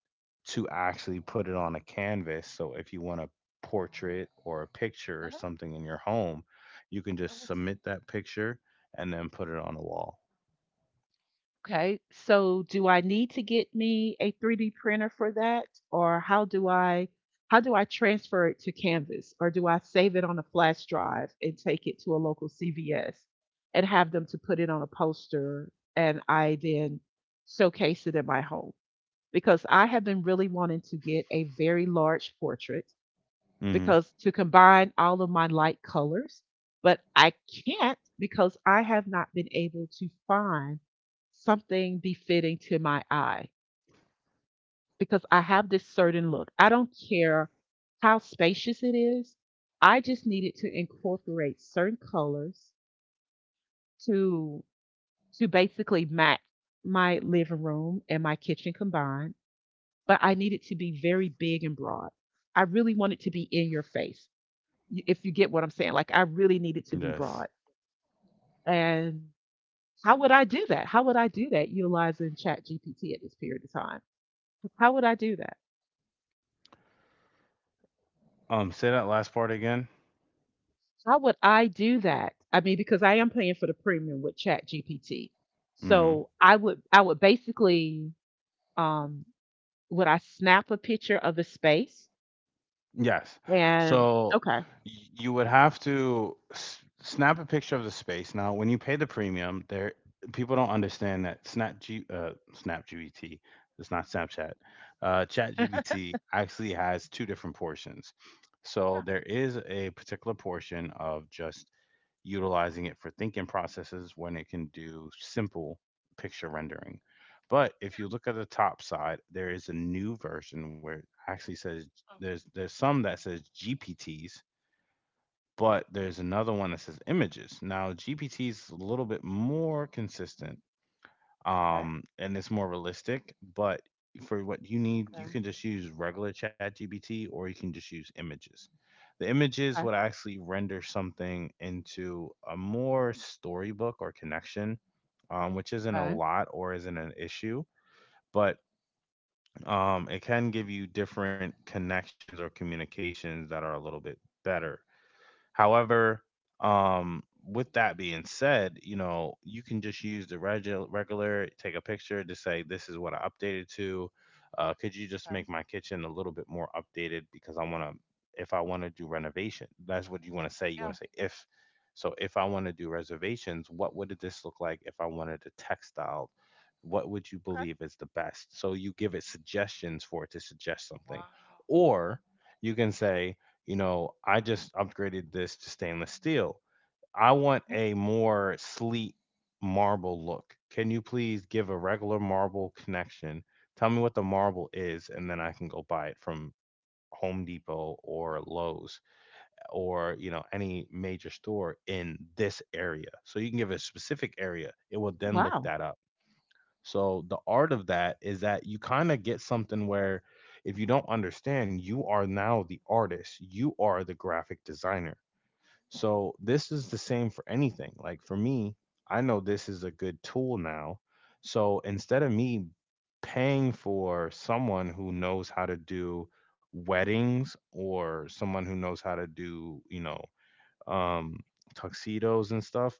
to actually put it on a canvas. So if you want a portrait or a picture Uh or something in your home, you can huh. just submit that picture and then put it on a wall. Okay, so do I need to get me a 3D printer for that, or how do I transfer it to Canvas, or do I save it on a flash drive and take it to a local CVS and have them to put it on a poster and I then showcase it in my home? Because I have been really wanting to get a very large portrait Hmm. because to combine all of my light colors, but I can't because I have not been able to find something befitting to my eye because I have this certain look. I don't care how spacious it is. I just needed to incorporate certain colors to to basically match my living room and my kitchen combined, but I needed to be very big and broad. I really wanted to be in your face, if you get what I'm saying. Like I really need it to be broad. Yes. And how would I do that? How would I do that utilizing Chat GPT at this period of time? How would I do that? Say that last part again. How would I do that? I mean, because I am paying for the premium with Chat GPT. Mm-hmm. So I would basically um would I snap a picture of the space Yes. and So okay. You would have to snap a picture of the space. Now, when you pay the premium, there people don't understand that Snap GBT, it's not Snapchat. Chat GBT actually has two different portions. So there is a particular portion of just utilizing it for thinking processes when it can do simple picture rendering. But if you look at the top side, there is a new version where it actually says Okay. there's some that says GPTs, but there's another one that says images. Now GPT is a little bit more consistent, and it's more realistic. But for what you Okay. need, you can just use regular Chat GPT, or you can just use images. The images Okay. would actually render something into a more storybook or connection, which isn't a Okay. Okay. lot or isn't an issue. But it can give you different connections or communications that are a little bit better. However, with that being said, you can just use the regular, take a picture to say, this is what I updated to. Could you just Okay. make my kitchen a little bit more updated because I want to, if I want to do renovation, that's what you want to say. You want Yeah. to say, if, so if I want to do reservations, what would this look like if I wanted a textile? What would you Okay. believe is the best? So you give it suggestions for it to suggest something. Wow. Or, you can say I just upgraded this to stainless steel. I want a more sleek marble look. Can you please give a regular marble connection? Tell me what the marble is, and then I can go buy it from Home Depot or Lowe's or any major store in this area. So you can give a specific area. It will then look Wow. that up. So the art of that is that you kind of get something where if you don't understand, you are now the artist, you are the graphic designer. So this is the same for anything. Like for me, I know this is a good tool now. So instead of me paying for someone who knows how to do weddings or someone who knows how to do, um tuxedos and stuff,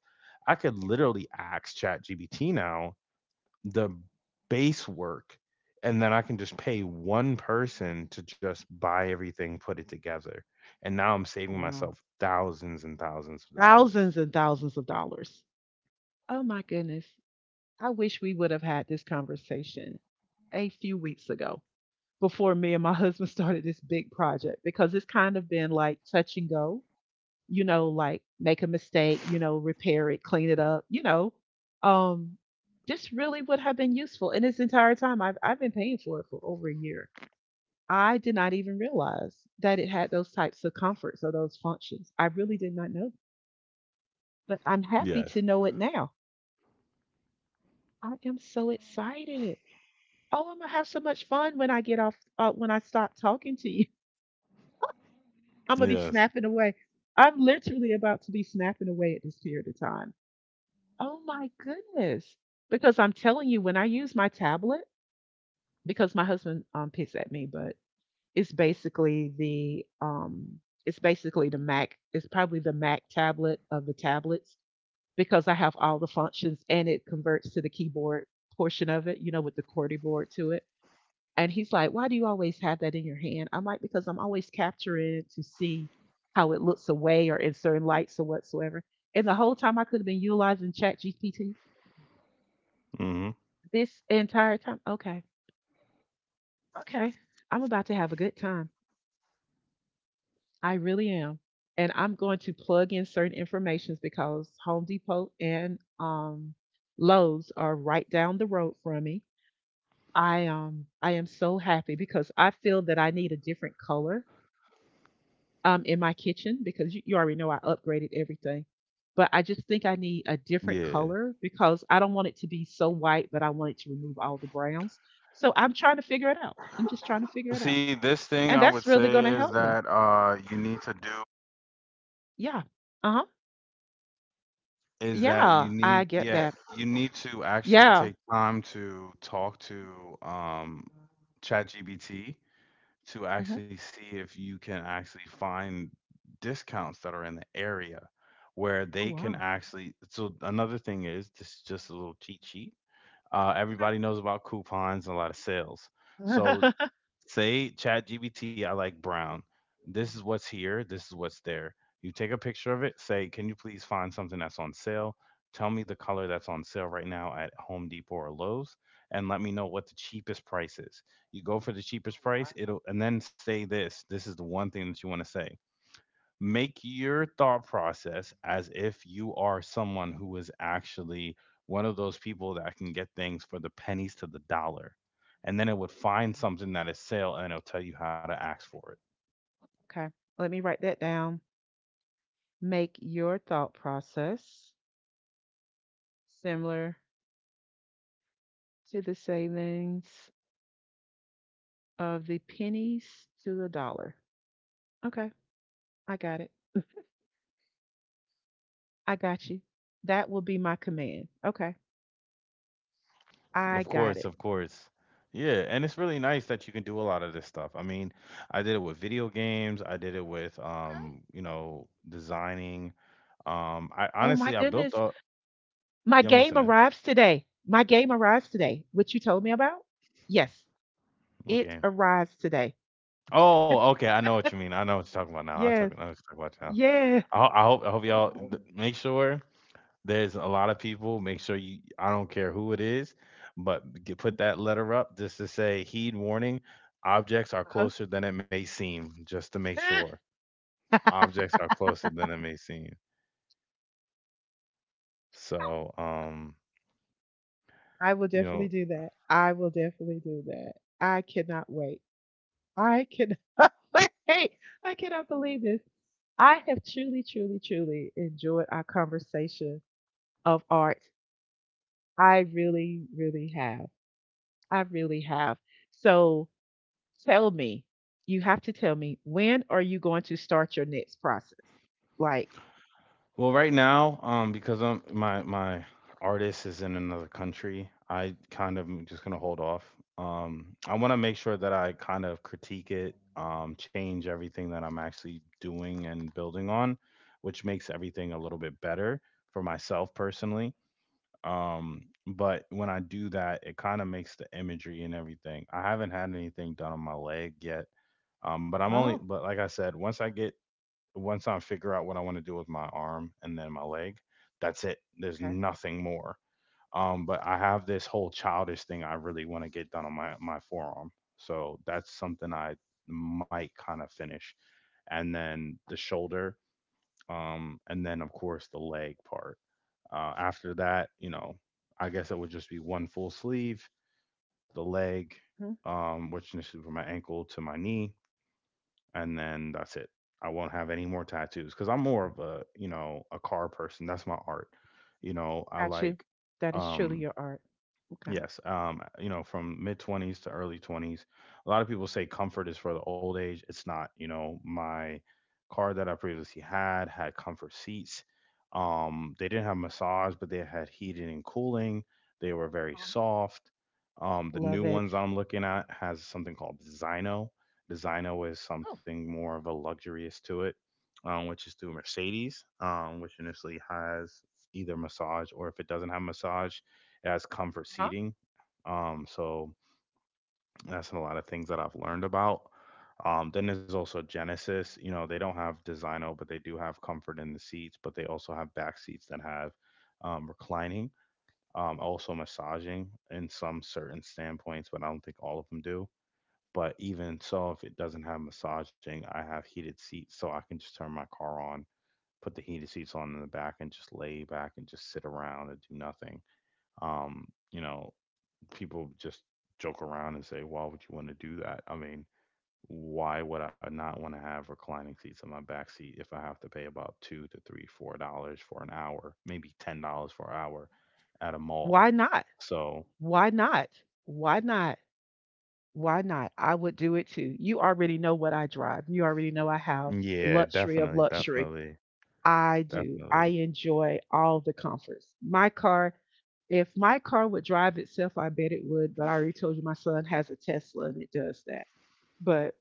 I could literally ask ChatGPT now the base work and then I can just pay one person to just buy everything, put it together. And now I'm Oh, saving wow. myself thousands and thousands of dollars. Thousands and thousands of dollars. Oh my goodness. I wish we would have had this conversation a few weeks ago before me and my husband started this big project because it's kind of been like touch and go, you know, like make a mistake, you know, repair it, clean it up, you know. Um this really would have been useful. And this entire time I've been paying for it for over a year. I did not even realize that it had those types of comforts or those functions. I really did not know. But I'm happy Yes. to know it now. I am so excited. Oh, I'm gonna have so much fun when I get off when I stop talking to you. I'm gonna be Yes. snapping away. I'm literally about to be snapping away at this period of time. Oh my goodness. Because I'm telling you, when I use my tablet, because my husband picks at me, but it's basically the Mac, it's probably the Mac tablet of the tablets because I have all the functions and it converts to the keyboard portion of it, you know, with the QWERTY board to it. And he's like, why do you always have that in your hand? I'm like, because I'm always capturing it to see how it looks away or in certain lights or whatsoever. And the whole time I could have been utilizing Chat GPT Hmm. this entire time. Okay, okay. I'm about to have a good time. I really am. And I'm going to plug in certain informations because Home Depot and Lowe's are right down the road from me. I am so happy because I feel that I need a different color in my kitchen because you already know I upgraded everything. But I just think I need a different Yeah. color because I don't want it to be so white, but I want it to remove all the browns. So I'm trying to figure it out. I'm just trying to figure it out. See, this thing And I that's would really say going to is help me. that you need to do Yeah. Uh huh. is that Yeah. you I need, get yeah, that. you need to actually Yeah. take Hmm. time to talk to ChatGPT to actually see if you can actually find discounts that are in the area where they Oh, can wow. actually, so another thing is this is just a little cheat sheet. Everybody knows about coupons and a lot of sales. So Okay. say ChatGPT, I like brown. This is what's here. This is what's there. You take a picture of it. Say, can you please find something that's on sale? Tell me the color that's on sale right now at Home Depot or Lowe's, and let me know what the cheapest price is. You go for the cheapest price. Wow. It'll and then say this. This is the one thing that you want to say, make your thought process as if you are someone who is actually one of those people that can get things for the pennies to the dollar. And then it would find something that is sale and it'll tell you how to ask for it. Okay. Let me write that down. Make your thought process similar to the savings of the pennies to a dollar. Okay, I got it. I got you. That will be my command. Okay, I Of got course, it. of course. Yeah, and it's really nice that you can do a lot of this stuff. I mean, I did it with video games, I did it with Okay. Designing. I Oh my honestly I built goodness. a. My Yeah, I'm game listening. arrives today. My game arrives today. What you told me about? Yes, it Okay. arrives today. Oh, okay, I know what you mean. I know what you're talking about now. Yes, I know what you're talking about now. yeah. I hope Oh, y'all no. th make sure there's a lot of people, make sure, you I don't care who it is, but g put that letter up just to say, "Heed warning, objects are Uh-huh. closer than it may seem," just to make sure. Objects are closer than it may seem. So, I will you definitely know do that. I will definitely do that. I cannot wait. I can wait, I cannot believe this. I have truly, truly, truly enjoyed our conversation of art. I really, really have. I really have. So tell me, you have to tell me, when are you going to start your next process? Like, Well, right now, because I'm my my artist is in another country, I kind of am just gonna hold off. I want to make sure that I kind of critique it, change everything that I'm actually doing and building on, which makes everything a little bit better for myself personally. Um, but when I do that, it kind of makes the imagery and everything. I haven't had anything done on my leg yet. But I'm only, oh, but like I said, once I get once I figure out what I want to do with my arm and then my leg, that's it. There's okay. nothing more. But I have this whole childish thing I really want to get done on my forearm. So that's something I might kind of finish, and then the shoulder, and then of course the leg part. After that, I guess it would just be one full sleeve, the leg, Mhm. Which is from my ankle to my knee, and then that's it. I won't have any more tattoos because I'm more of a a car person. That's my art. I Got you. like. That is truly um your art. Okay. Yes, from mid 20s to early 20s. A lot of people say comfort is for the old age. It's not, my car that I previously had had comfort seats. They didn't have massage, but they had heating and cooling. They were very Mhm. soft. The Love new it. ones I'm looking at has something called Designo. Designo is Oh, something more of a luxurious to it, which is through Mercedes, which initially has either massage or if it doesn't have massage as comfort huh? seating. So that's a lot of things that I've learned about. Then there's also Genesis. They don't have Designo, but they do have comfort in the seats, but they also have back seats that have reclining, also massaging in some certain standpoints, but I don't think all of them do. But even so, if it doesn't have massaging, I have heated seats, so I can just turn my car on, put the heated seats on in the back, and just lay back and just sit around and do nothing. Um, you know, People just joke around and say, why would you want to do that? I mean, why would I not want to have reclining seats in my back seat if I have to pay about two to three, $4 for an hour, maybe $10 for an hour at a mall? Why not? So Why not? Why not? Why not? I would do it too. You already know what I drive. You already know I have yeah, luxury definitely, of luxury. definitely, I do. definitely. I enjoy all the comforts. My car, if my car would drive itself, I bet it would. But I already told you my son has a Tesla and it does that. But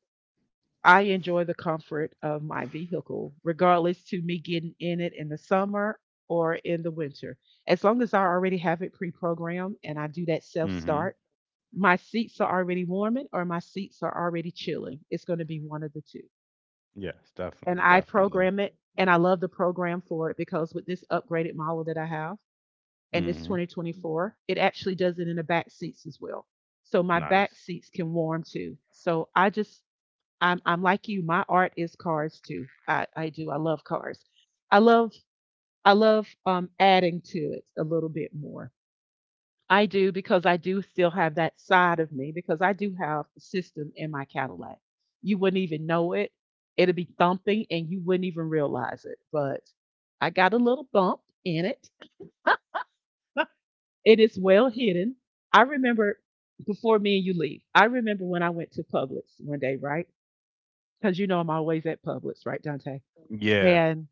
I enjoy the comfort of my vehicle, regardless to me getting in it in the summer or in the winter. As long as I already have it pre programmed and I do that self Mm-hmm. start, my seats are already warming or my seats are already chilling. It's going to be one of the two. Yes, definitely, And I definitely. program it and I love the program for it because with this upgraded model that I have and this Mm-hmm. 2024, it actually does it in the back seats as well. So my back Nice. seats can warm too. So I'm like you. My art is cars too. I do. I love cars. I love I love adding to it a little bit more. I do because I do still have that side of me because I do have a system in my Cadillac. You wouldn't even know it. It'd be thumping and you wouldn't even realize it. But I got a little bump in it. It is well hidden. I remember before me and you leave, I remember when I went to Publix one day, right? Because you know I'm always at Publix, right, Dante? Yeah, And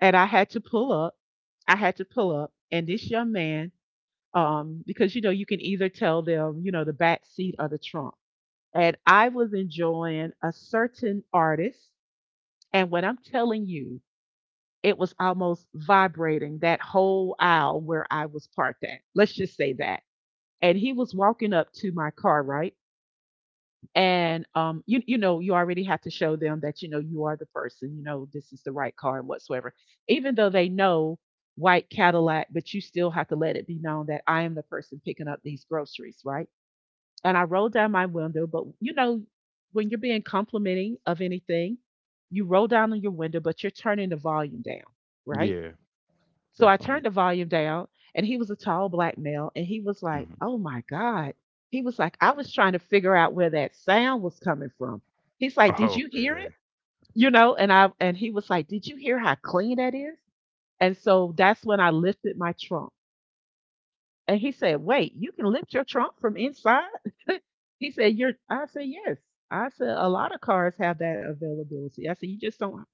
and I had to pull up. I had to pull up and this young man, because you know, you can either tell them, you know, the back seat or the trunk and I was enjoying a certain artist. And when I'm telling you, it was almost vibrating that whole aisle where I was parked at. Let's just say that. And he was walking up to my car, right? And you you know, you already have to show them that you know you are the person, you know, this is the right car and whatsoever. Even though they know white Cadillac, but you still have to let it be known that I am the person picking up these groceries, right? And I rolled down my window. But you know, when you're being complimenting of anything, you roll down on your window, but you're turning the volume down, right? yeah, So I definitely. turned the volume down, and he was a tall black male, and he was like, Hmm. "Oh my god," he was like, "I was trying to figure out where that sound was coming from." He's like, "Did you hear it?" You know, and I and he was like, "Did you hear how clean that is?" And so that's when I lifted my trunk and he said, wait, you can lift your trunk from inside? He said, You're I said, yes. I said, a lot of cars have that availability. I said, you just don't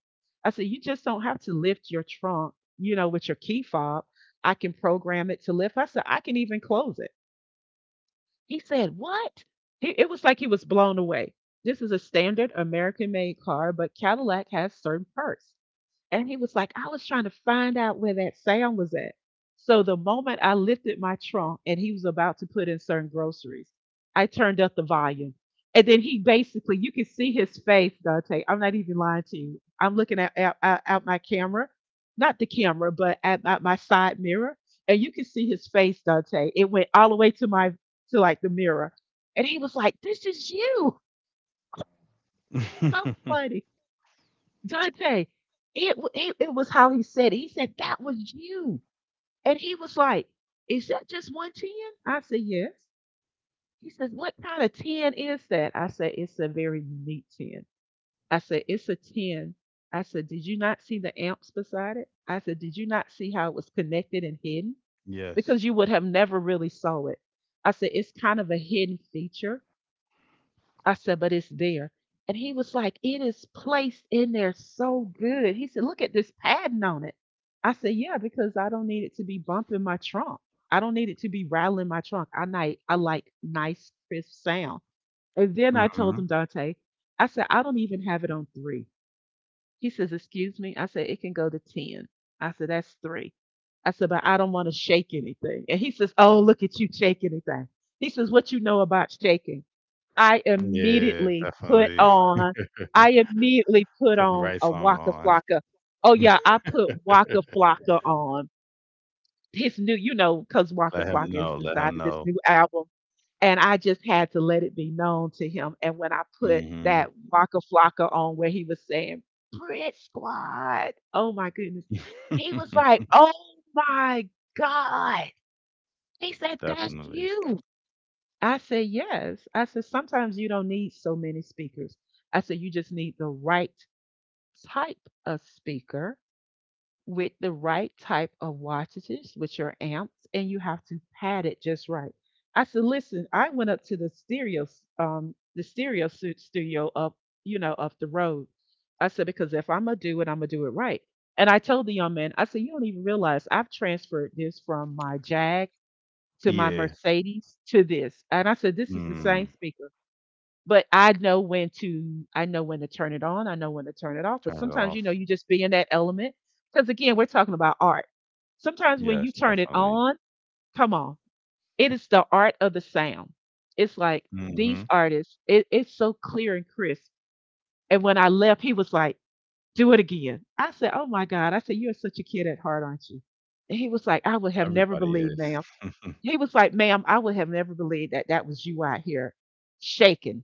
I said, you just don't have to lift your trunk, you know, with your key fob. I can program it to lift. I said, I can even close it. He said, what? He, it was like he was blown away. This is a standard American made car, but Cadillac has certain perks. And he was like, I was trying to find out where that sound was at. So the moment I lifted my trunk and he was about to put in certain groceries, I turned up the volume. And then he basically, you can see his face, Dante. I'm not even lying to you. I'm looking at out my camera, not the camera, but at my side mirror. And you can see his face, Dante. It went all the way to my, to like the mirror. And he was like, this is you. So Okay. funny. Dante, it, wa- it was how he said it. He said that was you, and he was like, "Is that just one 10?" I said, "Yes." He says, "What kind of ten is that?" I said, "It's a very unique ten." I said, "It's a ten." I said, "Did you not see the amps beside it?" I said, "Did you not see how it was connected and hidden? Yes. Because you would have never really saw it." I said, "It's kind of a hidden feature." I said, but it's there. And he was like, it is placed in there so good. He said, look at this padding on it. I said, yeah, because I don't need it to be bumping my trunk. I don't need it to be rattling my trunk. I like nice, crisp sound. And then I told him, Hmm. Dante, I said, I don't even have it on three. He says, excuse me. I said, it can go to 10. I said, that's three. I said, but I don't want to shake anything. And he says, oh, look at you shake anything. He says, what you know about shaking? I Yeah, immediately put definitely. on, I immediately put Put the on right a song Waka on. Flocka. Oh yeah, I put Waka Flocka on his new, you know, because Waka Let Flocka him is know. Let inside of him this know. new album, and I just had to let it be known to him. And when I put that Hmm. Waka Flocka on, where he was saying "Brit Squad," oh my goodness, he was like, "Oh my God!" He said, "That's Definitely. you." I said, yes. I said, sometimes you don't need so many speakers. I said, you just need the right type of speaker with the right type of wattages with your amps, and you have to pad it just right. I said, listen, I went up to the stereo studio up, you know, up the road. I said, because if I'm gonna do it, I'm gonna do it right. And I told the young man, I said, you don't even realize I've transferred this from my Jag to my Yeah. Mercedes to this. And I said, this is the same Mm, speaker, but I know when to turn it on. I know when to turn it off. But Turn it sometimes, you off. know, you just be in that element. Because again, we're talking about art. Sometimes when you Yes, turn it definitely. on, come on, it is the art of the sound. It's like these Hmm. artists, it's so clear and crisp. And when I left, he was like, do it again. I said, oh my God. I said, you're such a kid at heart, aren't you? And he was like, I would have never Everybody believed, is. ma'am he was like, ma'am, I would have never believed that that was you out here shaking.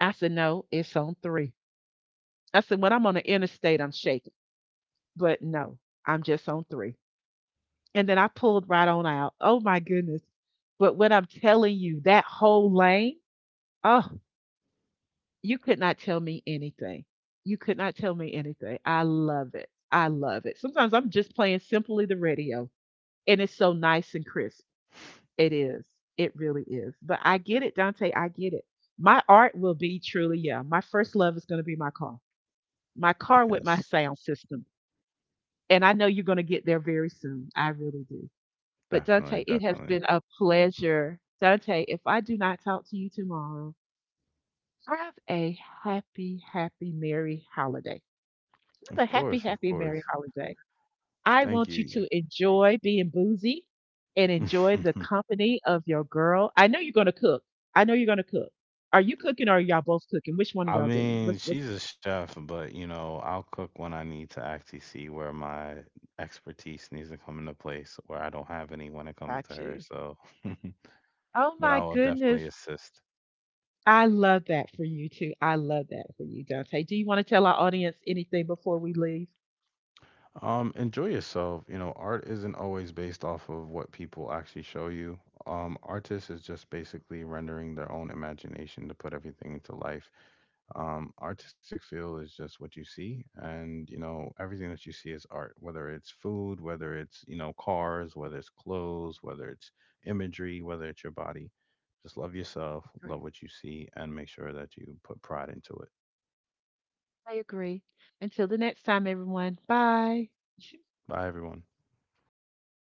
I said, no, it's on three. I said, when I'm on the interstate, I'm shaking. But no, I'm just on three. And then I pulled right on out. Oh my goodness. But what I'm telling you, that whole lane, oh, you could not tell me anything. You could not tell me anything. I love it. I love it. Sometimes I'm just playing simply the radio and it's so nice and crisp. It is. It really is. But I get it, Dante. I get it. My art will be truly, yeah. My first love is going to be my car with my Yes, sound system. And I know you're going to get there very soon. I really do. But definitely, Dante, it has definitely. been a pleasure. Dante, if I do not talk to you tomorrow, have a happy, happy, merry holiday. Have Of a happy, course, of happy, merry course. holiday. I Thank want you you. to enjoy being boozy and enjoy the company of your girl. I know you're gonna cook. I know you're gonna cook. Are you cooking or are y'all both cooking? Which one are y'all I doing? Mean, What's she's a chef, but I'll cook when I need to actually see where my expertise needs to come into place, where I don't have any when it comes to Got her. you. So Oh but my I will definitely goodness. assist. I love that for you too. I love that for you, Dante. Do you want to tell our audience anything before we leave? Enjoy yourself. Art isn't always based off of what people actually show you. Artists is just basically rendering their own imagination to put everything into life. Artistic feel is just what you see, and everything that you see is art, whether it's food, whether it's cars, whether it's clothes, whether it's imagery, whether it's your body. Just love yourself, Agree. love what you see, and make sure that you put pride into it. I agree. Until the next time, everyone. Bye. Bye, everyone.